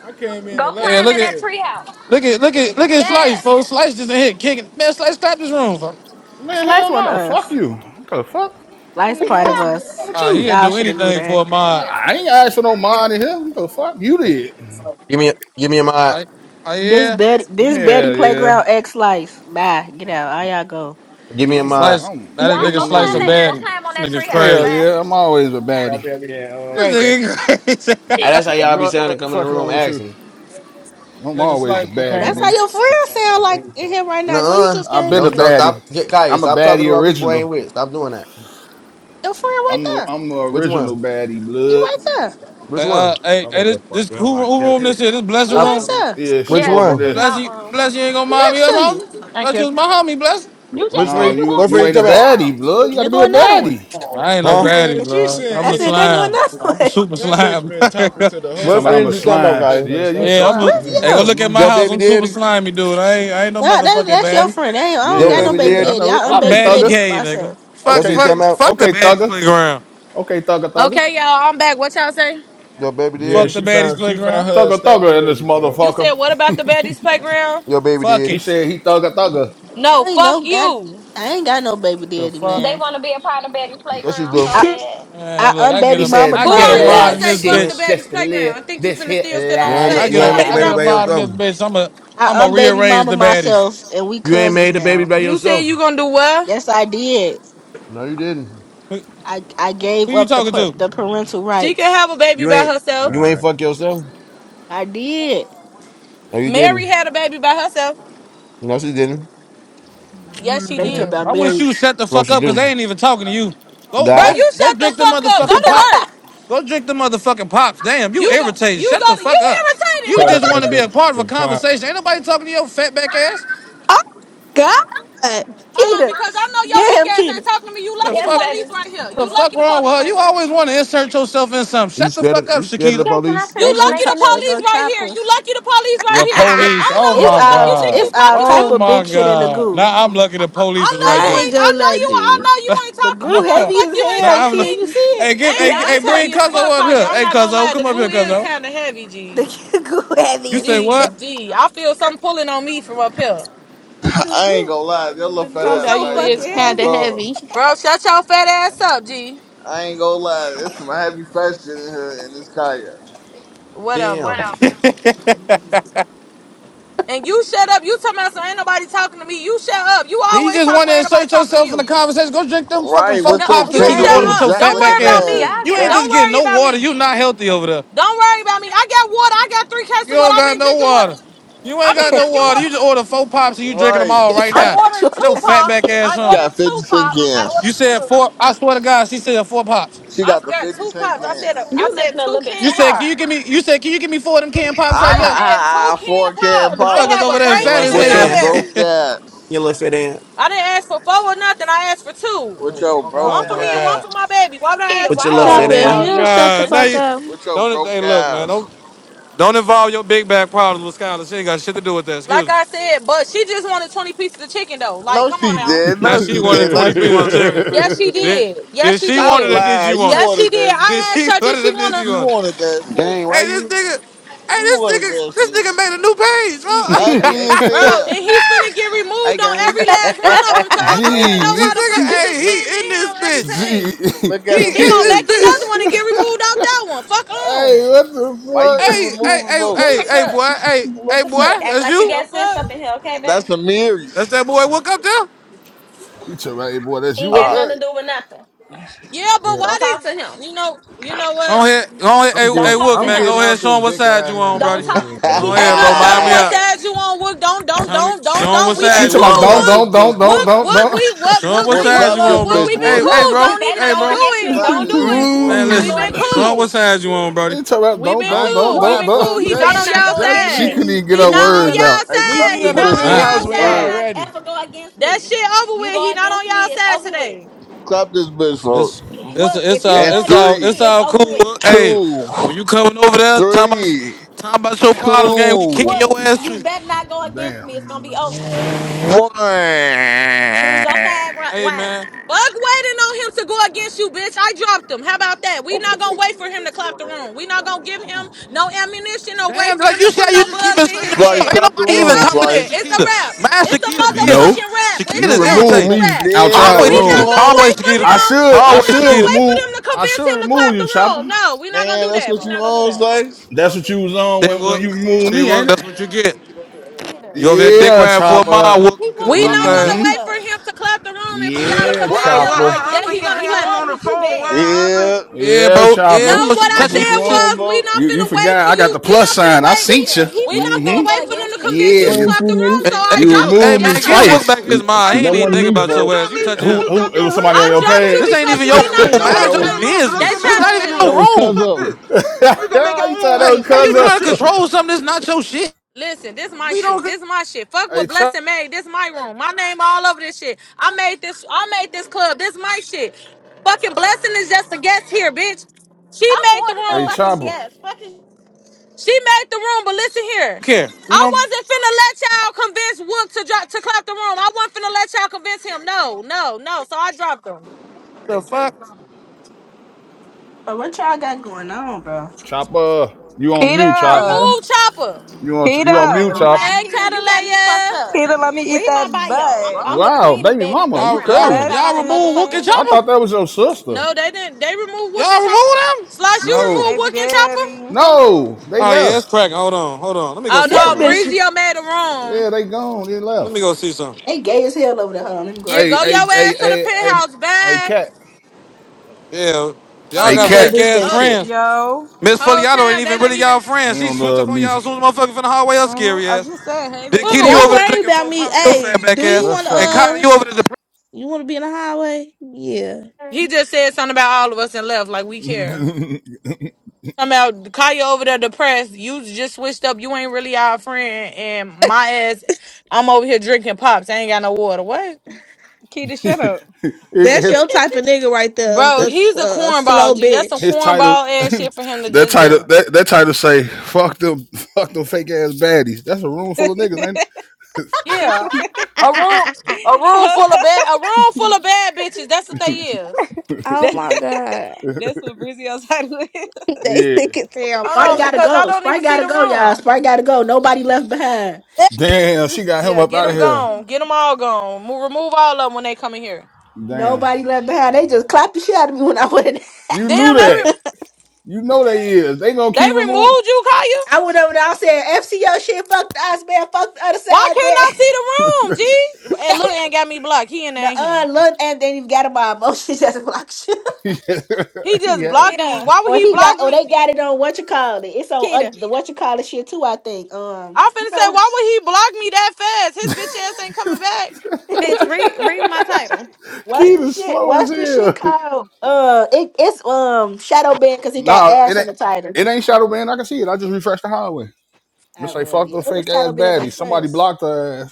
I came in
Go
and left
Yeah,
climb
this
look
in
at
that
bitch.
treehouse.
look at look at look at
Yeah.
Slice, folks. Slice just in here kicking. Man, Slice clap this room. fo.
Man,
Slice
hell
one of
no. Fuck
us.
you. What the fuck?
Slice
You
part of
don't, what
us.
with
Ah,
you?
he'd
Y'all
do
should have knew
anything for
that.
a mod.
I ain't asked for no money here. What the fuck? You did.
Give me, give me a mod.
I I
This
yeah.
Betty, this Betty
Hell yeah.
playground X Slice. Bye, get out. All y'all go.
Give me a
I'm
mod.
Slice
I'm
now this
Y'all
waiting
nigga
go
on the
Slice
climb
a
that.
wig.
Go
baddie.
climb on
This
that
nigga's
treehouse,
Hell
crazy.
man.
yeah. I'm always a baddie.
This
Great.
nigga crazy.
Ah, That's how y'all be
What the
sounding. Come in the
fuck
room
wrong with you?
asking.
I'm
nigga
always a
Slice became
baddie,
That's how
nigga.
your friend sound like in here right now. Before you
Nuh-uh.
just
I've
came
been a
Don't,
in,
don't
baddie.
stop. Get Kaya.
I'm a
Stop talking
baddie
about people I
original.
ain't with. Stop doing that.
your friend right
I'm a,
there.
I'm a
Which
original
one?
baddie,
He
blood.
right there.
uh,
Which one?
uh hey, hey this this who who room this is? This blessing
He
Stop.
right
room?
there.
Yeah,
Which
she
Yes,
opened
this
one?
is
this.
Bless
my
you
room.
bless you ain't gonna
He
mind me
next
up,
to you.
homie.
Thank
Bless you
you.
was my homie, bless.
You
Which
just
No,
said
friend?
you
you
going
What
to
you
friend you
that
ain't a
talking about?
baddie,
treehouse.
blood. You
And
got
there
to be
go
a
another one.
baddie.
I ain't no
Huh?
Man,
baddie,
she
bro.
saying
I'm
I
a
said they're
anything.
going
slime.
that
I'm a
way.
super
That bitch
slime.
been talking to the
I'm
What
talking
whole
about I'm
friend
a
you
world.
talking about,
That
slime.
bitch
Kaya?
better
Yeah, you
start
yeah, I'm
talking
a.
to
slime.
me.
Hey,
Yeah,
go
Blizio.
look at
hmm
my
Your
house.
baby
I'm super
daddy.
slimy, dude. I ain't, I ain't no
Nah, that,
motherfucking
that's your
baddie.
friend. I, ain't, I don't
Your
got no
baby
yeah,
baby
yeah. I
daddy.
daddy. I
know.
am
I'm
Okay,
baby
baddie
daddy
thugger.
gay, nigga.
myself.
That's
Fuck,
what
Okay,
you
th-
talking
fuck,
about.
fuck the
okay,
baddies
thugger.
playground.
Okay, thugger, thugger,
Okay, y'all, I'm back. What y'all say?
Your baby
Yeah,
Fuck
daddy.
the
she
baddies
found she found
playground.
her
thugger, thugger. In this
stepdaddy, fuck.
You said
motherfucker.
what about the baddies playground?
Your baby
Fuck
He
daddy.
it.
said he thugger, thugger.
No,
I ain't
fuck
no got.
you.
I ain't got no baby
The
daddy,
fuck.
They
man.
want to be a part of Betty's
That's you
playground so
do.
I
bad.
I
Man, look, I get
He
unbaby
a,
mama
I
Who
said
get a
are
that
you
myself.
to
mod in
life
say
this
You
fuck the
ain't.
shit
bitch.
just
baddies
to live
playground? I think you
this
finna
here
still stand on
You
the
ain't. ma-
I
stage.
You
get
ain't
a,
make a
Somebody
I
baby
get a
lifestyle.
drop
by
mod
him.
in
yourself.
this bitch. I'm a, I'm
I
a
unbaby
rearrange
mama
the baddies.
myself, and we
You ain't
cousins
made a baby
now.
by
You said
yourself.
you gonna do what?
Yes, I did.
No, you didn't.
Who,
I I
who
gave
you
up the
talking
par-
to?
the parental
She can
rights.
have a baby
You
by
ain't.
herself.
You ain't
Alright.
fuck yourself.
I did.
No, you
Mary
didn't.
had a baby by herself.
No, she didn't.
Yes, she
They talking
Mm.
did.
about
I wish
married.
you shut the
No,
fuck
she
up because they
didn't.
ain't even talking to you. Go,
Bro,
God,
go,
you
go
shut the
drink the
fuck up. Go
motherfucking
to
pops.
work.
Keita,
Go drink the motherfucking pops. Damn, you
You go.
irritated.
You
Shut
go
the
to. You
fuck up.
irritated. Who
You
Told her
the
just
fuck
ass
want
to
to
you?
be
go
a
to
part of a
the
conversation.
pops.
Ain't nobody talking to your fat back ass.
oh, God.
Hold on, because I know your
get
weak
him,
ass ain't
Keita.
talking to me. You
The
lucky the
Yes,
fuck,
police
baby.
right here.
the
You
fuck
lucky the
wrong with
police
her?
right
You
here.
always want to insert yourself in something.
you
Shut the
scared of
fuck up,
you scared of the
Shakita.
Okay, can I
police?
You
They
finish
go.
lucky the
making
They
this?
police
go
right here.
chopper.
You lucky the police right
The
here.
It
I
police.
don't
Oh
know who
it's
the
my
fuck
all
you think you
it's
god.
all
talking to.
Oh
type of
my
big shit in the
god.
goo.
Now I'm lucky
I,
the
I
police is
know
right
you
I
there.
ain't
ain't. I
gonna
know
lie
you.
to
I
you.
know you ain't
The
talking. I
nah,
goo
know the
heavy
fuck
as
you ain't
nah,
hell,
talking
I'm.
to
lu-
me.
kid. You see it?
Hey, give.
Y'all
Ain't
Hey,
it?
hey,
It's
play
bring
heavy as
some
Cuzzo
fuck,
up
fucking
Kaya.
much.
here.
I'm
Hey,
not gonna
Cuzzo,
lie. The
come up
goo
here,
is
Cuzzo.
kind of heavy, G.
The goo heavy
You
as
say
hell.
G
what?
G. I feel something pulling on me from up here,
the
I
Damn.
ain't
goo.
You
gonna lie, your little
The
fat
Something
goo
ass
about
so
you
fucking
Kaya.
is
Oh,
kind of
heavy.
bro,
heavy.
bro. Shut your fat ass up, G.
I ain't gonna lie, there's some heavy fat shit in here in this Kaya.
Whatever. And you shut up. You talking about some ain't nobody talking to me. You shut up. You
Yeah, You
always
just
talking
want to
about anybody
insert
talking to
yourself in the
you.
conversation. Go drink them fucking
Right,
folk
No,
what's your
pops that
you
you just
shut
ordered
kangaroo
Okay,
with your
up.
jack
fat
Don't
looking
worry
back
about
ass.
y'all
ass,
me.
You
get
ain't
out.
just
Don't
bitch?
getting
worry
no
about
water.
me.
You not healthy over there.
Don't worry about me. I got water. I got three cases
You
of water.
don't
I've
got
been
no
drinking water.
water. You ain't
I've been
got no
drinking
water. You
water.
just order four pops and you drinking them
Right,
all
It's
right
a
I
now.
ordered
natural
Get
two
your
kind
fat
of
pop.
back ass
water.
I
she
on.
ordered
got 50
two
cent
pop. I
You
ordered
cans.
said four. I swear to God, she said four pops.
two.
She
I
got the
got
50
two
cent
pops. I said a, I
You
cans.
said
listening a
two
little bit
You
can
too
said,
pop.
can you
hard.
give me? You said, can you give me four of them canned pops right
I
there?
said two
Ah,
can
four can
pop. I
Motherfuckers
have
pops.
over
a
there
grape
little
fat
and
as
a
fit
With your
in.
broke
strawberry.
hell.
You little
ass.
fit in.
I didn't ask for four or nothing. I asked for two.
With your broke
One
oh
for
my
me and one
God.
ass.
for my baby. Why would I
Keita,
ask
What
for
why
you little
are you
fit
Oh
Chopper,
four?
if you
my
explaining
in?
don't
yourself
shut the
to
God! Now
fuck
you
him?
up,
With your
don't. Hey,
broke
look, man.
ass.
Don't don't involve your big bag problem with Skylar. She ain't got shit to do with that. Excuse
Like
me.
I said, but she just wanted 20 pieces of chicken though. Like,
No,
come on
she
now.
did.
Now
No,
she
she
wanted
did. Now
twenty
she
pieces of
wanted 20
chicken.
pieces
Yes, she
of chicken.
Did
did. Yes,
did
she
she
Stop
want it
did.
or did you
lying. You
want it?
Yes, she
wanted
did.
that
Did
I asked
she
shit.
her,
want
did she
it or
want
did
to,
you
You
want it?
wanted that
Dang,
shit.
why
Hey, this
you?
nigga. Hey,
You
this
wanted that
nigga. This
shit.
nigga made a new page,
He
Hey, hey,
ugly
hey,
bro.
as
bro? And
hell.
he's finna get
hey,
removed on
gang.
every last one of them. So I don't even
Gee,
know
this
why
he,
the
nigga.
fuck
he,
you
Hey,
just
look,
came in
he in
here
this
on every
bitch.
Gee,
page.
hey,
look at
He
He
in
gonna
this
make
Amiris.
another
bitch.
one and get removed out that one. Fuck on.
what
Why you
the
keep
fuck?
Hey, hey,
removing
hey,
folk?
Look
hey,
us
hey,
up.
boy. Hey, hey,
Look
boy.
us up. Act
That's
like you
you.
The
got sense
fuck.
up in here, okay,
That's
baby?
That's
Amiris.
that boy. Woke up there.
He talking about, hey boy, that's
He ain't
you up
got
Uh,
nothing
there.
to do with nothing.
Yeah, but
Yeah.
why
Don't talk
did
to him.
you know? You know
Go
what?
ahead, go ahead, hey,
I'm
hey,
Don't
getting
talk
Wook,
to
I'm
man,
him.
go
getting
ahead,
out
show
this
him what
dick
side you
riding
on,
ass
Don't
brody.
talk.
room,
Go
He
man.
Ain't
ahead,
he
no
bro,
on my
mind
shutting
me
what's
up.
side.
hey,
as you on Wook. Don't, don't,
Show me,
don't, don't,
show him
don't.
what
We been
She
side you
talking
what
about
on,
cool,
don't,
clap
brody.
Wook.
this
don't,
bitch?
don't, don't,
Wook,
What?
don't,
Wook,
don't.
we, what,
Show him
Wook,
what
What
we,
side you
clap
look,
this
on,
Wook,
bro.
bitch?
we been
What?
Hey, hey,
What?
cool.
bro,
You
Don't
better
even,
hey,
not go
don't do
bro,
against me.
it.
Clap
What?
Don't do
this bitch?
it.
What?
man,
Better not
We
listen,
go
been
Ooh.
against
show him
cool.
me.
what side you on, brody.
He talking about
We
don't,
been
I
don't,
ain't
don't,
gonna
cool. We
lie,
don't,
been
What?
don't.
cool.
folks.
He
You
not
better
Just
on
not
She
y'all
go
just
against
she
meet
side.
me.
couldn't
me
even get
He
her
not
meet me
on
words
in the
y'all
out.
Hey,
meet
clap
side.
me
He
this
in
not
the
What?
All
bitch?
on
What?
right,
y'all
penthouse
You
Oh,
when
better
y'all
bird.
side.
not
ready.
ever go against
That
me.
shit over
You
with. He
go
not on
against me,
y'all
it's
side
over
today.
with.
Clap this bitch, folks.
it's it's
What?
it's
If you
all
And
go
it's
against
all it's
me,
three,
it's
all cool.
over with.
Wook. Hey, when
two,
you coming over there, talking about
three.
talking about your problems, gang, we kicking your
What?
two,
ass
You
too.
better not go against
Damn.
me, it's gonna be over.
one.
Choose your side, ri-
Hey,
wives.
man.
Fuck waiting on him to go against you, bitch. I dropped him. How about that? We not gonna wait for him to clap the room. We not gonna give him no ammunition or wait
Damn,
for them
like
to
you see
put
how
no
you just keep
bugs in
inserting
his
yourself.
Slice,
head.
Ain't
clap the
nobody
It's
even
room,
over
talking to
with.
Slice.
It's a wrap.
Shakita. Mind
It's a
Shakita business.
No,
motherfucking wrap. It's
you
a
Shakita's
wrap.
remove
It's a
irritating.
Man,
me
wrap.
out
Yeah,
your
that's
Always
We
what you
not
room.
Shakita.
gonna
on.
wait
Always
for
I
Shakita.
him.
should,
We
I
Always
not
should
gonna
Shakita.
wait for
remove,
them to
I
convince
should
him to clap
remove you,
the room.
Chopper.
No, we not gonna
Man,
do
that's
that.
what
We
you
not gonna do
on,
that.
Slice.
That's what you was on
They
when, when
work.
you removed
She
me,
work.
ain't it?
That's what you get.
Peter,
You over there dick
Yeah,
riding for a
Chopper.
mile. Work.
he
You could have
We
wasn't gonna
dropped
not
go
her
gonna
ass.
Mm-hmm.
against
wait for
us.
him to clap the room and for y'all
He
to
Yeah,
convince
wasn't
Why?
gonna
him
What
go
Chopper.
that
against
happened,
he
gang?
me.
gonna
He
I
clap
was
it.
loved
on
me
the
too
phone. What
bad.
happened?
Yeah,
Yeah,
Yeah,
bro. Yeah,
No,
bro.
Chopper.
what
She
I
that's
touching
what
you
you
and
said
shit.
on,
was we
vote.
not
You you
finna wait
forgot
for
I got
you.
the
We
plus
not finna
sign. I seen
wait.
Peter,
you.
he
We not
wasn't
finna
gonna
Mm-hmm.
go
wait for them
against
to
me.
convince
Yeah,
you to
You
you
ain't
clap the
too
room.
many.
So
Hey,
I
hey,
you
Gil,
dropped you.
hey
removed
Yes,
me
man,
I
Gil work
dropped
back
twice.
you.
his mind.
Hey,
He
That
ain't even
Keita,
wasn't
think
did
me,
you
about
just
your
vote.
ass.
drop
You
me?
touching
Did
him.
Who
you drop
who it
your
was somebody
real
on
I
your
friend,
dropped you
This
Keita?
page.
ain't
because
even
All
you
your
we
right,
not
what?
room.
finna
Nah,
wait
Mind
that
for
your
was
No,
them.
it's
They
business. This not
trying
even
in the
listen.
that
your
room.
was cuz
room.
Fuck
of.
this. Leave
thought
the
that
Like,
was
room.
how
Fuck
you
cousin.
this
trying to
shit.
control something that's not your shit?
Listen, this my
We
shit.
don't.
This my shit. Fuck
Hey
what
chop
Blessing made. This my room. My name all over this shit. I made this. I made this club. This my shit. Fucking Blessing is just a guest here, bitch. She
I'm
made
more
the
than a
hey
room.
fucking
chopper.
guest. Fucking
She made the room, but listen here.
care. We
I
don't
wasn't finna let y'all convince Wook to drop to clap the room. I wasn't finna let y'all convince him. No, no, no. So I dropped him.
the fuck.
But what y'all got going on, bro?
Chopper. You on mute, Chopper.
Kita,
Remove Chopper.
You on you
Kita,
I'm
on
not
mute,
gonna lie,
Chopper.
Hey,
Tina. You got me
Catalaya.
fucked up.
Kita, let me eat
Read my
that
bio.
butt.
I'm the
Wow,
queen of
baby
Betty's
mama, you
Y'all,
playground. Talking
y'all,
crazy.
about
y'all
I'm a
remove Wook and
motherfucking
Blessing,
I
guest.
Chopper.
thought that was your sister.
No, they didn't. They removed Wook and
Y'all remove
Chopper.
them.
Slice, you
No.
removed
baby
Wook and Chopper?
daddy,
Jason.
No, they
Oh yeah, it's
left.
cracking. Hold on, hold on. Let me go
Oh
see
This
Fucking
no,
something.
on
bitch,
Breezio made the room.
Yeah, they gone. They
Let me
left.
go see something.
they gay as hell over there. Hold on, let me go
Yeah,
over
Hey,
go
there.
hey,
your
hey,
ass to the
hey, hey,
penthouse.
hey,
Bye.
cat.
Yeah, y'all
Whole
Hey,
Let me
got
go
cat.
time,
fake
bitch
ass
that
whole,
shit.
friends.
yo.
Miss
whole
Foliato ain't
time they
even really
didn't
y'all
even.
You
friends. She
don't
switched up
love
on
me.
y'all
for-
as soon as motherfucker from the hallway. Her
Mhm.
scary
I
ass.
just said, hey,
Did
baby
Kitty, you
daddy.
don't
over
Who?
there
worry
drinking
about
four
me.
pops your
Hey,
fat back
do you want
What's
to,
ass, and
happening?
Connor,
uh,
you over there. Dep-
you want to be in the highway? Yeah.
He just said something about all of us and left like we care. Talking about Kaya over there depressed. You just switched up. You ain't really our friend. And my ass, I'm over here drinking pops. I ain't got no water. What?
Kita, shut
his,
up.
That's
his,
your type of nigga right there.
Bro,
This,
he's a
uh,
cornball,
slow
G. That's some
bitch.
his title,
cornball ass shit for him to
that
just
title,
do.
that, that title say, "Fuck them, fuck them fake ass baddies." That's a room full of niggas, ain't
Yeah. A room a room full of bad a room full of bad bitches. That's what they is.
oh
that,
my god.
that's what Brizio's title is.
They
it? Yeah.
sick as hell
I don't
for
Sprite
know,
that.
gotta
because I
go.
don't
Sprite
even see
gotta
the
go, y'all.
room.
Sprite gotta go. Nobody left behind.
Damn, she got him
Yeah,
up
get
out of
them
here.
gone. Get them all gone. Mo- remove all of them when they come in here.
Damn,
Nobody left behind. They just clapped the shit out of me when I went in
you knew
Damn, they
that.
re-
You know they is. They gonna
they
keep removing.
removed you, Kaya?
I went over there. I said, "FCO shit, fuck the us, man. Fuck the other
Why
side,
couldn't I
man."
see the room, G? And Lil
So,
Ant got me blocked. He and ain't he.
Nuh-uh, Lil and they ain't even got him my emotions as block shit.
yeah,
He just
yeah.
blocked me.
Kita.
Why would
Or
he
he
block
got, or
me?
they got it on what you call it. It's on uh,
Kita.
the what you call it shit too. I think. Um,
I'm
you
finna say,
know,
why would he block me that fast? His bitch ass ain't coming back.
Bitch, read read my title.
what's
Keith
the
is
shit?
slow as
What's the shit
hell.
called? Uh, it, it's um shadow band because he got
Nah, it
ass
ain't.
in the title.
It ain't Shadow Man. I can see it. I just refreshed the highway.
I
It's like
well,
fuck
yeah,
the
it
fake
was
ass
shadow band
baddies.
at
Somebody
first.
blocked her ass.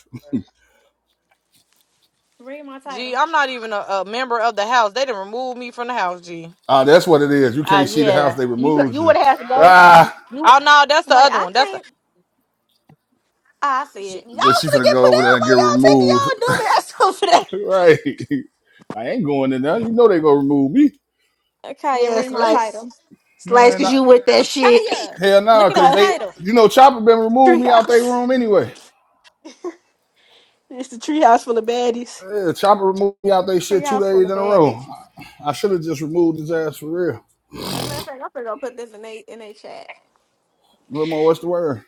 Read my
G,
title.
I'm not even a, a member of the house. They done removed me from the house, G.
Ah, that's what it is. You
Oh
can't see the house;
yeah,
they
you go-
removed
you
you.
would have to go.
Ah,
You
Oh no, that's the
Wait,
other
I
one. That's the
can't ah, I see
she, y'all
it.
but gonna
finna get
go
put
over there
out.
and get
Why y'all taking
removed,
y'all dumb ass over there?
right? I ain't going in there. You know they gonna remove me,
Okay,
Yeah,
read my
Hey,
slice,
title.
slice,
man.
cause
I,
you with that shit.
Kaya,
hell
look
no,
at my
cause they,
title.
you know, Chopper been removed me out their
treehouse.
room anyway.
It's the treehouse full of baddies.
Yeah, Chopper removed me out their
Tree
shit two
house
days
full
in
of
a
bad
row.
bitches.
I should have just removed his ass for real.
As a matter of fact, I'm gonna go put this in a in a chat.
Little more, what's the word?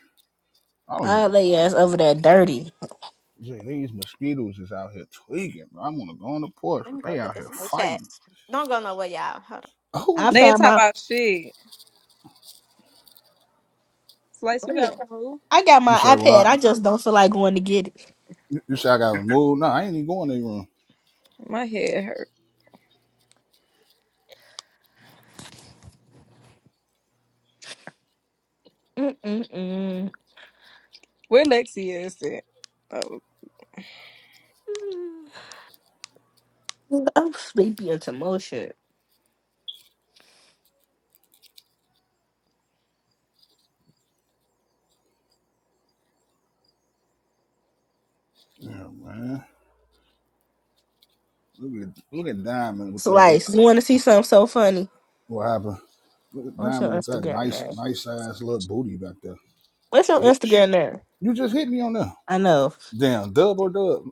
I was
I
going.
lay your ass over there dirty.
Jay, these mosquitoes is out here tweaking, bro. I'm gonna go on the porch,
Let me
but
go
they
put
out here
this in a chat.
fighting.
Don't go nowhere, y'all. Hold on.
I
Oh,
They ain't
found
talking
my.
about shit. Slice, you
Oh
got
yeah,
removed.
I got
you
my
say
iPad.
what?
I just don't feel like going to get it.
You you say I got removed? No, I ain't even going to the room.
My head hurt.
Mm-mm-mm.
Where Lexi is at? Oh.
Mm. I'm sleepy on some shit.
Yeah, man. Look at look at Diamond with that. Look,
Slice, you want to see something so funny?
what happened? Look at
What's your
Diamond with that
Instagram
nice,
name?
nice ass little booty back there,
What's your
bitch.
Instagram name?
You just hit me on there.
I know.
Damn, dub or dub?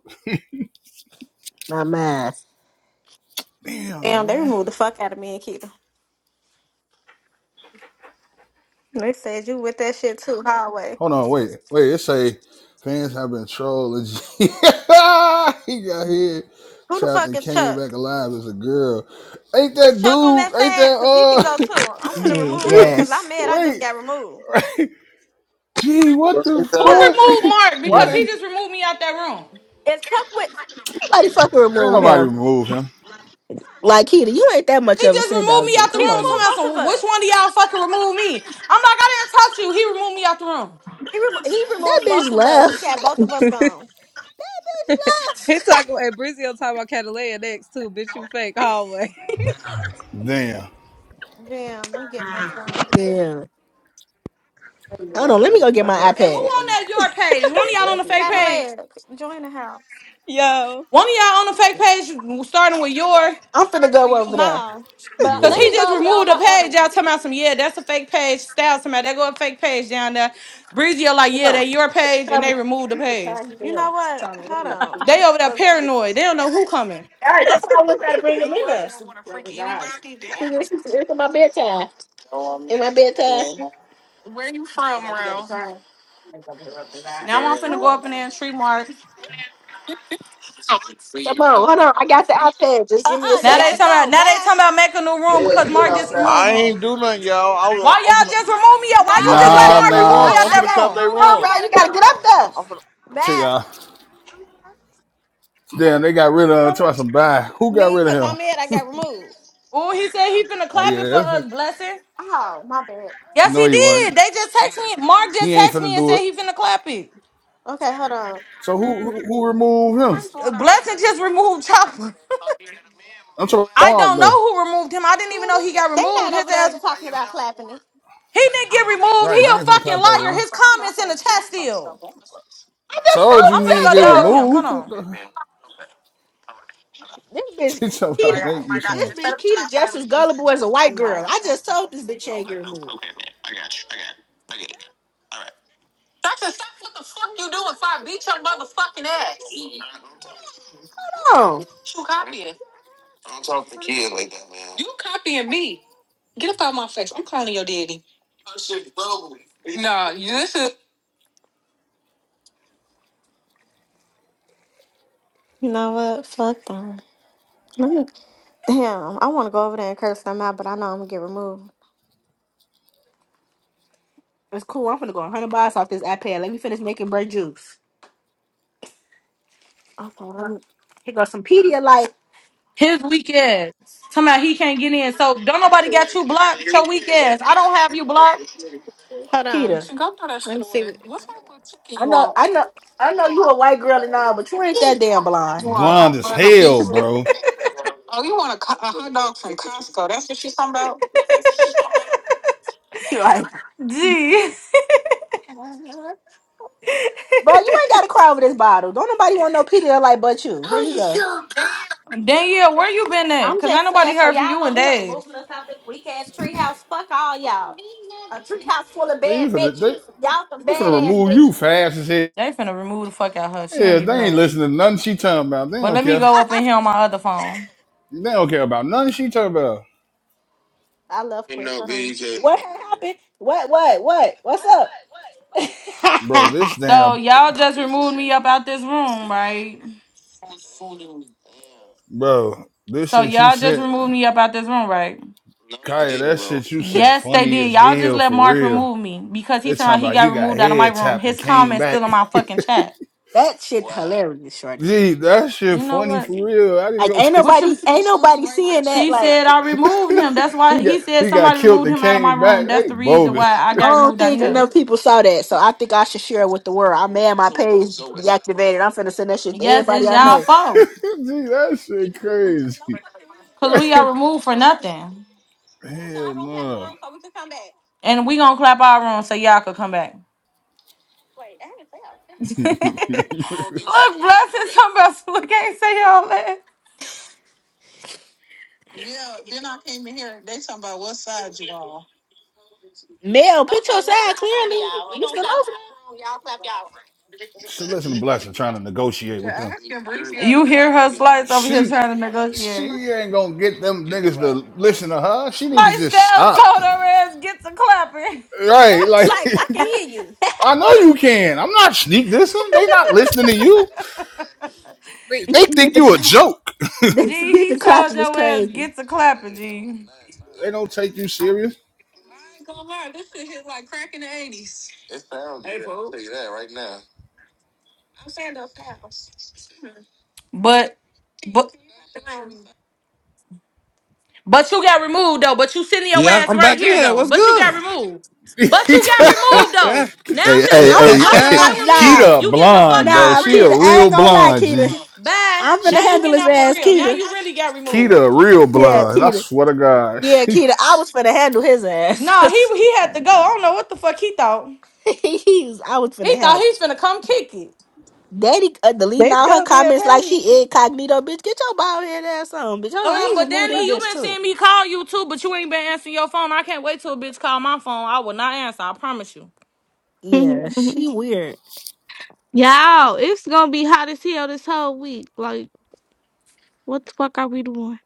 My math.
Damn,
Damn, they
man.
removed the fuck out of me and Kita. They said you with that shit too, hallway.
Hold on, wait, wait. It say fans have been trolling. he got here.
Who the
Trapped
fuck
and
is
came
Chuck?
back alive as a girl. Ain't
Is
that
Chuck on that
dude? Ain't
side? Cause he can go
that
too. I'm finna
G.
remove him
uh?
cause I'm
Yes.
mad. I just
wait,
got removed.
Gee, what the
Wasn't
Who
that
Chuck
fuck?
removed Mark?
Why
Because
did
G.
he just removed me out that room.
is Chuck with?
Somebody fucking
ain't
remove
nobody
him.
remove him?
Like Kita, you ain't that much
He
of a
just
send
removed
dog
me
G.
out the
He
Come
room.
on now.
removed
Somebody said,
both of
well, which
us.
one of y'all fucking removed me? I'm like, I didn't touch you. He removed me out the room.
He remo- he
That
removed both
bitch
of us. He
left.
got both of us gone.
That
He
bitch left.
talking and Brizio talking about Catalina next too. Bitch, you fake hallway.
Damn,
Damn, they getting us gone.
Damn. Hold on, let me go get my
And who
iPad.
on that your page? One of y'all on the fake page?
Cadillac, join the house.
Yo,
One of y'all on the fake page, starting with your,
I'm finna go over there.
No, but
because
let
he
you're
me
just
go over there
removed
on
a
my other
page. Y'all
one.
talking about some, yeah, that's a fake page. Styles somebody about, they go a fake page down there. Breezy are like,
Come
yeah,
on.
they your page, and they
Come.
removed the
You was
page.
tired as
You know
hell.
what? Hold on. To
They over there
wanna
paranoid. They don't know who coming.
All right, that's why I was trying to
the
bring them in
room. I
us.
want to freak
Brother's eyes.
anybody. down.
It's it's my bedtime. In my bedtime.
Where you from?
Now I'm finna go up in there and treat Mark.
Come on, hold on. I got the iPad. Just
Uh
give me a
uh you
Now they
second.
gotta
talking about,
go
now they
back.
talking about making a new room because Mark just removed
I
me.
ain't do nothing, y'all. I was,
Why
I'm
y'all
finna,
just remove me out?
No,
Why you
I'm
just
finna
let
no,
clap
Mark
cause
they room.
remove me
no.
I,
out
I'm
I
finna
got
clap
that room?
they
removed,
Come
so
on,
you
room.
bro. You
gotta go
gotta get up
too.
there.
Check
Bye.
out. Damn, they got rid of him. try some buy. Who got
Me,
rid of
cause I'm
him?
it, I got removed.
Oh, he said he finna
Uh,
clap it
yeah,
for
that's
us,
it.
blessing.
Oh, my bad.
Yes,
no,
he
he
did.
wasn't.
They just text me. Mark
He
just
ain't
text
finna
me and
do
said
it.
he finna clap it.
Okay, hold on.
So who who, who removed him?
I'm going
Blessing
outside,
just
remember. I'm
removed
proud of
Chopper.
it.
I'm talking
I
Mark
don't know
though.
who removed him.
I
I didn't even
still
know he
do.
got
They
removed.
not
His
over there
ass.
talking about clapping it.
He didn't
I
get
don't be
removed.
bored.
He
Right, they
a
I
ain't
just
finna
be
fucking
clap
in the
that
liar.
room.
house.
His
Like I'm
comments in the
always
chat
doing something
still.
like that.
I just
Told
told
I'm
you
you
he
finna
that,
ain't
go
get
Keita.
dog him. Hold
removed.
on.
This bitch
She talking
Keita,
Like,
about make
I-
me
like I,
this
some
instead
bitch
of being
Keita
outside,
just as
we can
gullible as a
like
white
Uno
girl.
or
I just
something.
told this bitch she ain't getting removed.
Doctor, stop what the fuck you doing if I beat your motherfucking ass.
No.
You copying. You copying me. Get up out my face. I'm calling your daddy. No, this is You know what? Fuck them. Let me- Damn, I want to go over there and curse them out, but I know I'm gonna get removed.
That's cool. I'm finna go 100 bucks off this iPad. Let me finish making bread juice.
Okay, let me,
Here goes some Pedialyte.
His weak ass. Somehow he can't get in. So don't nobody got you blocked. Your weak ass. I don't have you blocked.
hold you on. you
Keita,
should go through that Let me shit see. with. What What type of chicken
I
you
know,
want?
I know, I know you a white girl and all, but you ain't that damn blind.
You want a
blonde
hot
as
burger
hell,
pizza?
bro.
Oh, you want a, co- a hot dog from Costco? That's what she's talking about.
You right.
Gee.
Bro, you ain't gotta cry over this bottle. Don't nobody want no Pedialyte but you. Here you go.
Danielle, where you been at?
I'm
Cause ain't
just
nobody
saying, so
heard from
y'all
you in
over here
days.
removing us out this weak ass treehouse. Fuck all y'all. A treehouse full of
They
bad
finna they,
bitches. Y'all some
they
bad
finna
ass
remove you
bitches.
fast as hell.
They finna remove the fuck out her. She don't
Yeah,
even
they
know
ain't
it.
listening to nothing she talking about. They
But
don't
let me
care.
go up in here on my other phone.
They don't care about nothing she talking about.
I love quick. Hold on.
What happened? What, what, what? What's up?
Bro, this
So
damn
y'all just removed me up out this room, right?
bro, this
So
shit you
y'all just
sent
removed me up out this room, right?
Kaya, that shit you sent
Yes, they
funny
did.
as
Y'all just
hell
let
for
Mark
real.
remove me because he
They
somehow
talking
he
about
got
he got
removed out of my
head
room.
tapped and
His
came
comments
back.
still in my fucking chat.
that shit hilarious, shorty.
Gee, that shit
You know
funny
what?
for real. I didn't
Like
go
ain't
take
What
nobody
you?
ain't nobody seeing that.
He
Like
said I removed him. That's
he
why
got
he said
he got
somebody
killed
removed
and
him out of my
came
room.
back.
That's
They
the reason
bogus.
why I
I
got
don't
removed out of
think
here.
enough people saw that. So I think I should share it with the world. I mad my page deactivated. I'm finna send that shit to
Yes,
everybody
it's
I
Gee,
y'all
know.
fault
that shit crazy.
because we got removed for nothing,
Hell no.
and we gonna clap our room so y'all could come back. look, blessings. I'm about to Look, can't say all that.
Mel, put your side clearly. You still over
Should listen to Blessing trying to negotiate with them.
You hear her slides over here
She
trying to negotiate.
she ain't gonna get them niggas to listen to her. She need to
My
just
style
stop.
told her ass get to clapping.
Right, like
Slice, I can
there?
hear you.
I know you can. I'm not sneak this. They not listening to you. They they
get
think
the
you a
clap.
joke.
G,
This- Get
he
the
told
clapping is
your ass
crazy.
get to clapping, G.
They don't take you serious.
But but but you got removed though. But you sitting your
yeah,
ass
I'm
right
back
here
in.
though.
What's
But you got
good?
removed.
hey,
But you got removed though. Now
hey,
since you
I'm
wanna
hey,
I'm
fucking
hey.
play
I,
Yeah.
with me,
nah
Keita
you getting the fuck
blind,
out
bro.
for
nah
She a
Keita.
real.
I
real
ain't gonna lie,
blind, G.
Keita.
Bye.
I'm
She
finna
Now you
handle
getting
his
out for
ass,
real. Now
Keita.
you really got
Keita
removed.
real
Yeah,
blind. I
Keita.
swear to God.
Yeah, Keita. I was finna handle his ass
No, he
because
he had to go. I don't know what the fuck he thought.
he was. I was finna
He
hack.
thought he's finna come kick it.
Daddy uh, deleting
they
all her
still being
comments like
petty.
she incognito, bitch. Get your bald head ass on, bitch. Hold on, let
Um,
me
but
remove
Danny, you
this bitch
been
too.
seeing me call you too, but you ain't been answering your phone. I can't wait till a bitch call my phone. I will not answer. I promise you.
Yeah,
Mm-hmm.
she weird.
Y'all, it's gonna be hot as hell this whole week. Like, what the fuck are we doing?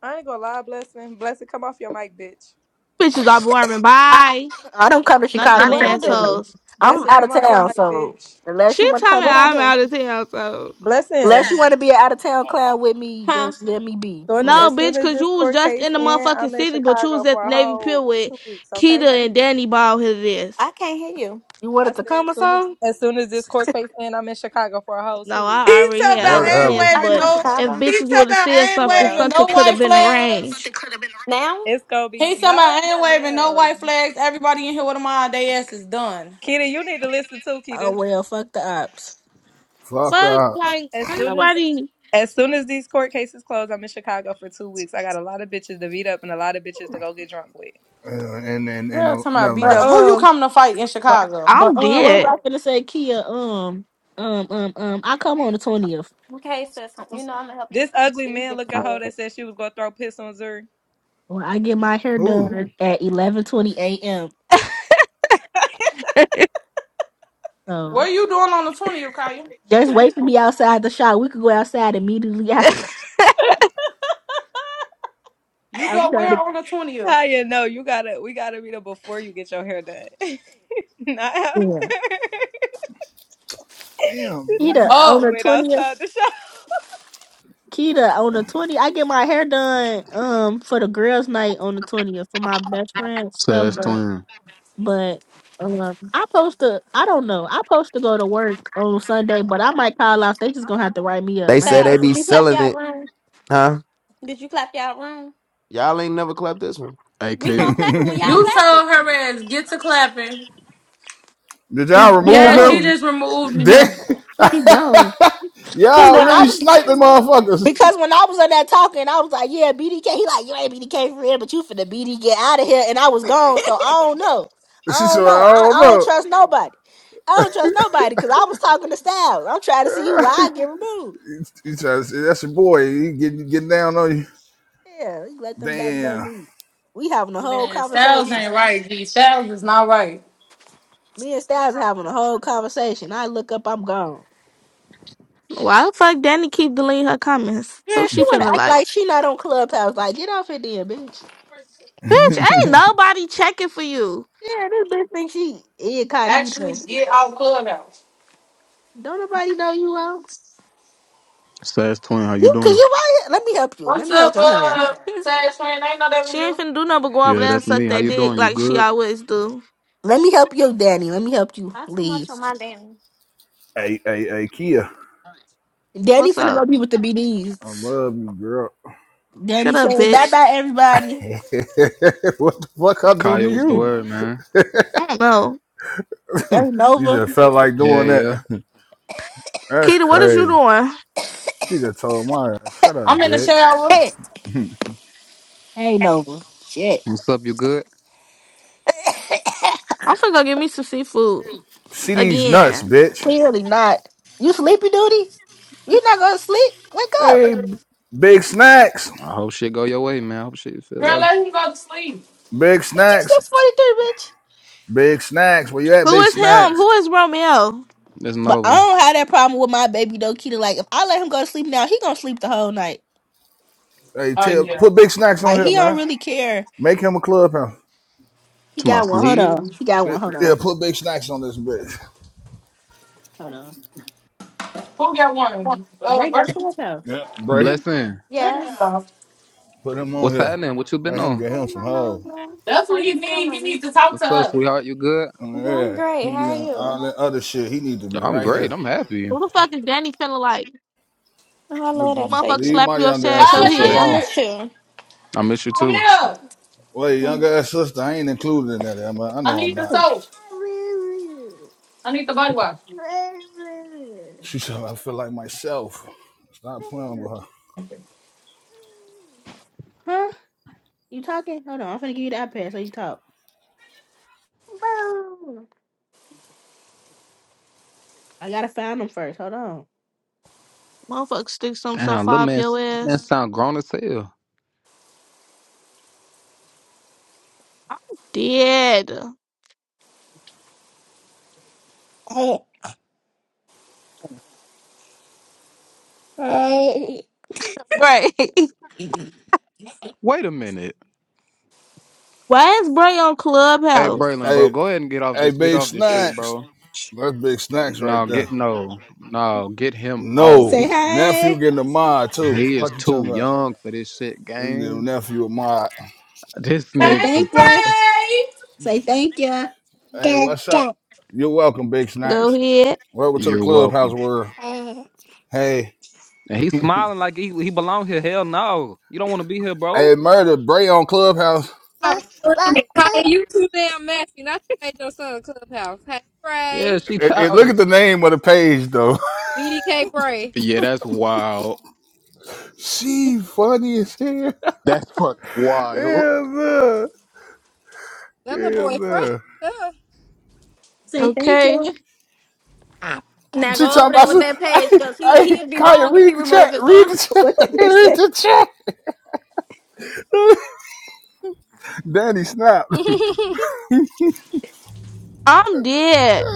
I ain't gonna lie, blessing. Blessing, come off your mic, bitch.
Bitches are warming.
I,
Bye.
I don't come to
Nothing
Chicago
What
to
I
tell
do?
you.
assholes.
I'm from
Blessing,
out
come
of
off your
town,
mic,
so
bitch.
unless
She
you want to
talking
come,
What I
about I'm
do?
out of town, so.
unless
Blessing.
you want to be an out of town clown with me,
Huh?
just let me be.
So
For real.
No,
as soon
bitch,
as
cause
this
you was
court
just
case
in the
ends,
motherfucking
I'm in
city, but you was
Chicago
at
for
the
a
Navy Pier
whole
with
two weeks, okay?
Keita and Danny Ball his ass.
I can't hear you.
You
I
wanted to
said
come
as
or
soon as
something?
as soon as this court case ends, I'm in Chicago for a whole two
No,
weeks.
I
He
already
talking
She,
had
about
other
ain't
whatever.
plans,
Are
waving
you
but
in
no.
if
Chicago?
He
bitches would
talking
have
about
said
ain't
something,
Yeah.
waving
something
no
could have
white
been
flags.
arranged.
Now?
It's gonna
He
be no,
talking about ain't
not
waving no
now.
white flags. Everybody in here with a mind, they ass is done.
Keita, you need to listen too,
Oh
Keita.
well, fuck the ops.
Fuck the
Fuck,
ops.
like,
As
ain't
soon as
nobody.
as soon as these court cases close, I'm in Chicago for two weeks. I got a lot of bitches to meet up and a lot of bitches to go get drunk with.
Uh, And and and
Girl,
uh,
talking about
never
beat
But
up.
mind.
Who you
um,
coming to fight in
but
Chicago?
but
I'm
um, what
dead.
was I gonna say, Kia? Um, um, um, um, I come on the twentieth.
Okay, sis. You know I'm gonna help you.
This ugly man looking hoe that said she was gonna throw piss on Zuri.
Well, I get my hair
Who?
done at eleven twenty a.m.
Where
So
you doing on the twentieth, Kaya?
just wait for me outside the shop. We could go outside immediately after.
You
I'm
go
not
where on the twentieth?
Kaya, no, you gotta we gotta meet up before you get your hair done. Not after. she
again.
Damn, man.
talking
Kita
about
on
just
Oh,
the
wait
twentieth.
outside the shop.
Kita on the twentieth. I get my hair done um for the girls' night on the twentieth for my best friend stuff,
Sass
but
Twin.
but um I post to I don't know. I post to go to work on Sunday, but I might call off. They just gonna have to write me
They
up. I-
say
Sal,
they be
did you clap
selling
y'all
it,
room?
huh?
Did you clap y'all room?
Y'all ain't never clapped this one.
Hey,
We gonna
Kater.
clap it when y'all
you
Did
clap
told
it.
her ass get to clapping.
He,
y'all
he
remove
Yeah, she
him?
gone.
just removed him.
They-
He gone. Cause
No,
y'all
when I
really
I
was
ain't. I
sniping
ain't moving that.
motherfuckers.
Because when I was on that talking, I was like, yeah, BDK. He like, you ain't BDK for real, but you finna BD get out of here. And I was gone, so I don't know. I
She said,
don't know.
I
I,
don't
I don't
know.
trust nobody. I don't trust nobody because I was talking to Styles. I'm trying to see who I get removed.
He says, that's your boy. He getting, getting down on you.
Yeah, he let them backbone
Damn.
me. We having a whole conversation. Me and Styles having a whole conversation. I look up, I'm gone.
Why the fuck Danny keep deleting her comments? Who
Yeah, she
she
wanna
feeling
act
like?
like she not on Clubhouse. Like, get off it then, bitch.
Bitch, ain't nobody checking for you.
Yeah, this bitch think she incognito. Don't nobody know you out.
Sass Twin, how you
You, cause
doing?
you right here. Let me help you. Let me help your hand.
she ain't finna do nothing but go over
Yeah,
there and
that's me.
suck
How
their
you
dick
doing? You
like she
good?
always do.
Let me help you, Danny. Let me help you
Not too
leave.
much on my damn.
hey, hey, hey, Kia.
Danny
What's
finna go
up?
be with the BDs.
I love you, girl.
Danny
Shut up,
say bye
bitch.
bye everybody.
what the fuck I do to
Kaya, what's the
you?
word, man?
I don't know.
That's
You
Nova.
just felt like
Yeah,
doing that.
yeah.
That's
Keita, what is you
crazy.
doing?
You just told my shut up,
I'm in the
bitch.
shower.
Shit. Hey Nova. Shit.
What's up? You good?
I'm finna go get me some seafood.
See these nuts,
Again.
bitch.
Clearly not. You sleepy duty? you not gonna sleep? Wake up.
Hey, big snacks.
I hope shit go your way, man. I hope shit feel
I
better.
let him go to sleep.
Big
It's just
snacks,
six forty three, bitch.
big snacks. Where you at,
Who
big
is him?
snacks?
Who is Romeo?
It's
But I
Nova.
don't have that problem with my baby though, Keita. Like if I let him go to sleep now, he gonna sleep the whole night.
Hey, tell, put big snacks on
Like
here,
he don't
man.
really care.
Make him a club house.
He
To my
got one. Hold
sneeze.
on. He got
Yeah,
one. Hold
yeah,
on.
put big snacks on this bitch.
Hold on. Bray got a
Yeah,
clubhouse.
Bray,
Blessing.
Yes.
put him on
What's
here.
happening? What you been
Let him
on?
get
Hey,
him some
my nose.
hoes.
How you feeling?
What's up, sweetheart? You good?
Oh,
Yeah, I'm
yeah,
great.
he
How
be
are
on all
you?
that other shit. He need to be
I'm
right
great.
here.
I'm happy.
Who the fuck is Danny feeling like?
Oh, I love that for
Motherfucker
Leave
you.
slap
my
you
young
upside
ass
your
sister
I
head.
Appreciate you.
alone.
miss you.
I miss you too.
Wait, young
Now
ass sister, I ain't included in that, I know I'm not. She said I feel like myself. Stop playing with her.
Huh? You talking? Hold on. I'm finna give you the iPad so you can talk. I gotta find them first. Hold on.
Motherfucker stick something so
Damn, little
far up
man,
your
man
ass.
sound grown as hell.
I'm dead.
Hey, hey.
Right.
Wait a minute.
Why is Bray on
Hey,
Clubhouse?
Braylon, bro,
Hey,
go ahead and get off
hey,
this, get
big
off this shit,
snacks.
bro.
That's big snacks right
No,
there.
get no, no, get him off. He
Say
No,
t-
nephew
hey.
getting a mod too.
he is
Fuck you
too
talking about?
young for this shit,
Your
gang.
nephew a mod.
This
Say
Hey,
nigga,
thank you. Say thank you.
Hey,
Da,
what's up?
da.
You're welcome, Big
Go
Snacks.
ahead.
Welcome to the
you're
clubhouse
welcome.
world.
Uh,
Hey,
And he's
hey,
smiling like he he belongs here. Hell no, you don't want to be here, bro.
murder Bray on Clubhouse.
I was
bu- bu-
screaming.
uh.
Kaya, you too damn messy. Not you made your son a clubhouse. Hey,
Yeah,
Bray.
she
And, and look
childish.
at the name of the page though.
BDK Bray.
Yeah, that's wild.
she funny as hell.
That's fucking
yeah.
wild.
no.
That little
Hell
boy fresh.
no.
huh?
Say thank
Okay.
you. Ah, da.
She
go
talking
over there
about
with
some,
that page,
I,
cause he
I,
he'd be
Kaya,
wrong if he
read the
removed
chat.
his
Read
son.
the chat. read the chat. Danny snap.
I'm dead.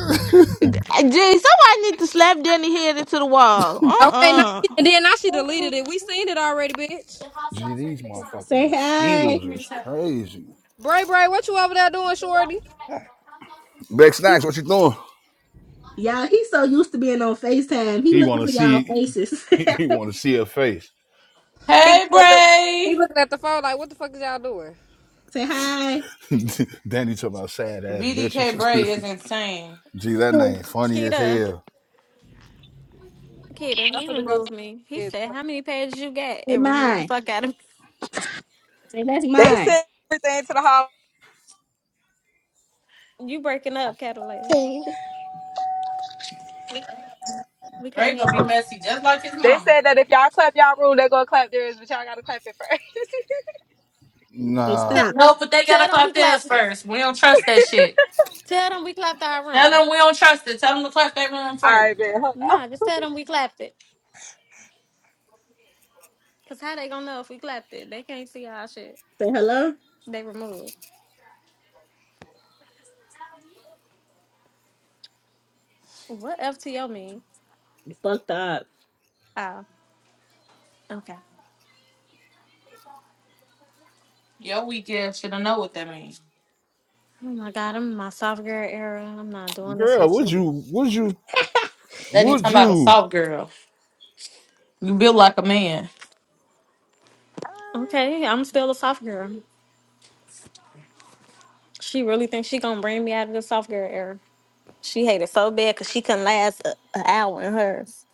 Gee, somebody need to slap Danny head into the wall. Uh
okay, now
uh
she, and then now she
uh,
deleted it. We seen it already, bitch.
Gee, these motherfucking
Say hi.
mosquitoes is crazy.
Bray Bray, what you over there doing, shorty?
Beck Snacks, what you doing?
Y'all, he's so used to being on FaceTime. He
He
looking
want to
for y'all
see.
faces.
He, he want to see her face.
He looked
Hey,
at the he
Bray.
looking at the phone like, what the fuck is y'all doing?
Say hi.
Danny talking about sad ass
BDK
bitches.
Bray is insane.
Gee, that
uh,
name funny as
Kita.
hell.
Kita,
I'm
he
finna go to
removed me. He said, "How many pages you got?"
Say
And removed the
mine.
fuck out of me.
Say that's
They
mine.
said everything to the hall.
You breaking up, Cadillac.
uh,
We
Bray
can't hear
gonna be
you.
messy just like his
They
mama.
said that if y'all clap y'all rule, they gonna clap theirs, but y'all gotta clap it first.
Say
Nah,
Te-
stop.
No, but they
tell
gotta
them
clap
we
theirs
clapped it.
first. We don't trust that shit.
Tell them we clapped our
Tell
room.
them we don't trust it. Tell them to clap their room
All
first.
right, man, hold on.
Nah, just tell them we clapped it. Cause how they gonna know if we clapped it? They can't see our shit.
Say hello.
They removed. What FTO mean?
You fucked up.
Oh, okay.
Yo, weak ass should have know what that means.
Oh my god, I'm in my soft girl era. I'm not doing this
girl,
with
would
you.
you? Would you?
That he
Would
talking about a
you?
soft girl. You built like a man.
Okay, I'm still a soft girl. She really thinks she gonna bring me out of the soft girl era. She hated so bad because she couldn't last a, an hour in hers.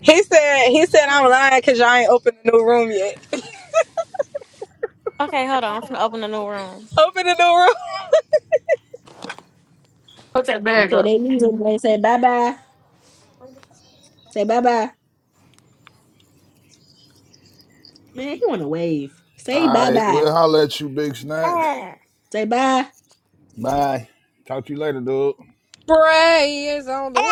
He said he said I'm lying because y'all ain't opened the new room yet.
Okay, hold on. I'm gonna open a new room.
Open the door.
Put that bag
Okay,
up.
they leave him. They say bye bye. Say bye bye. Man, he want to wave. Say
All
bye
right,
bye.
well, holler at you, Big Snacks.
Say bye.
Bye. Talk to you later, dude.
Bray is on the way.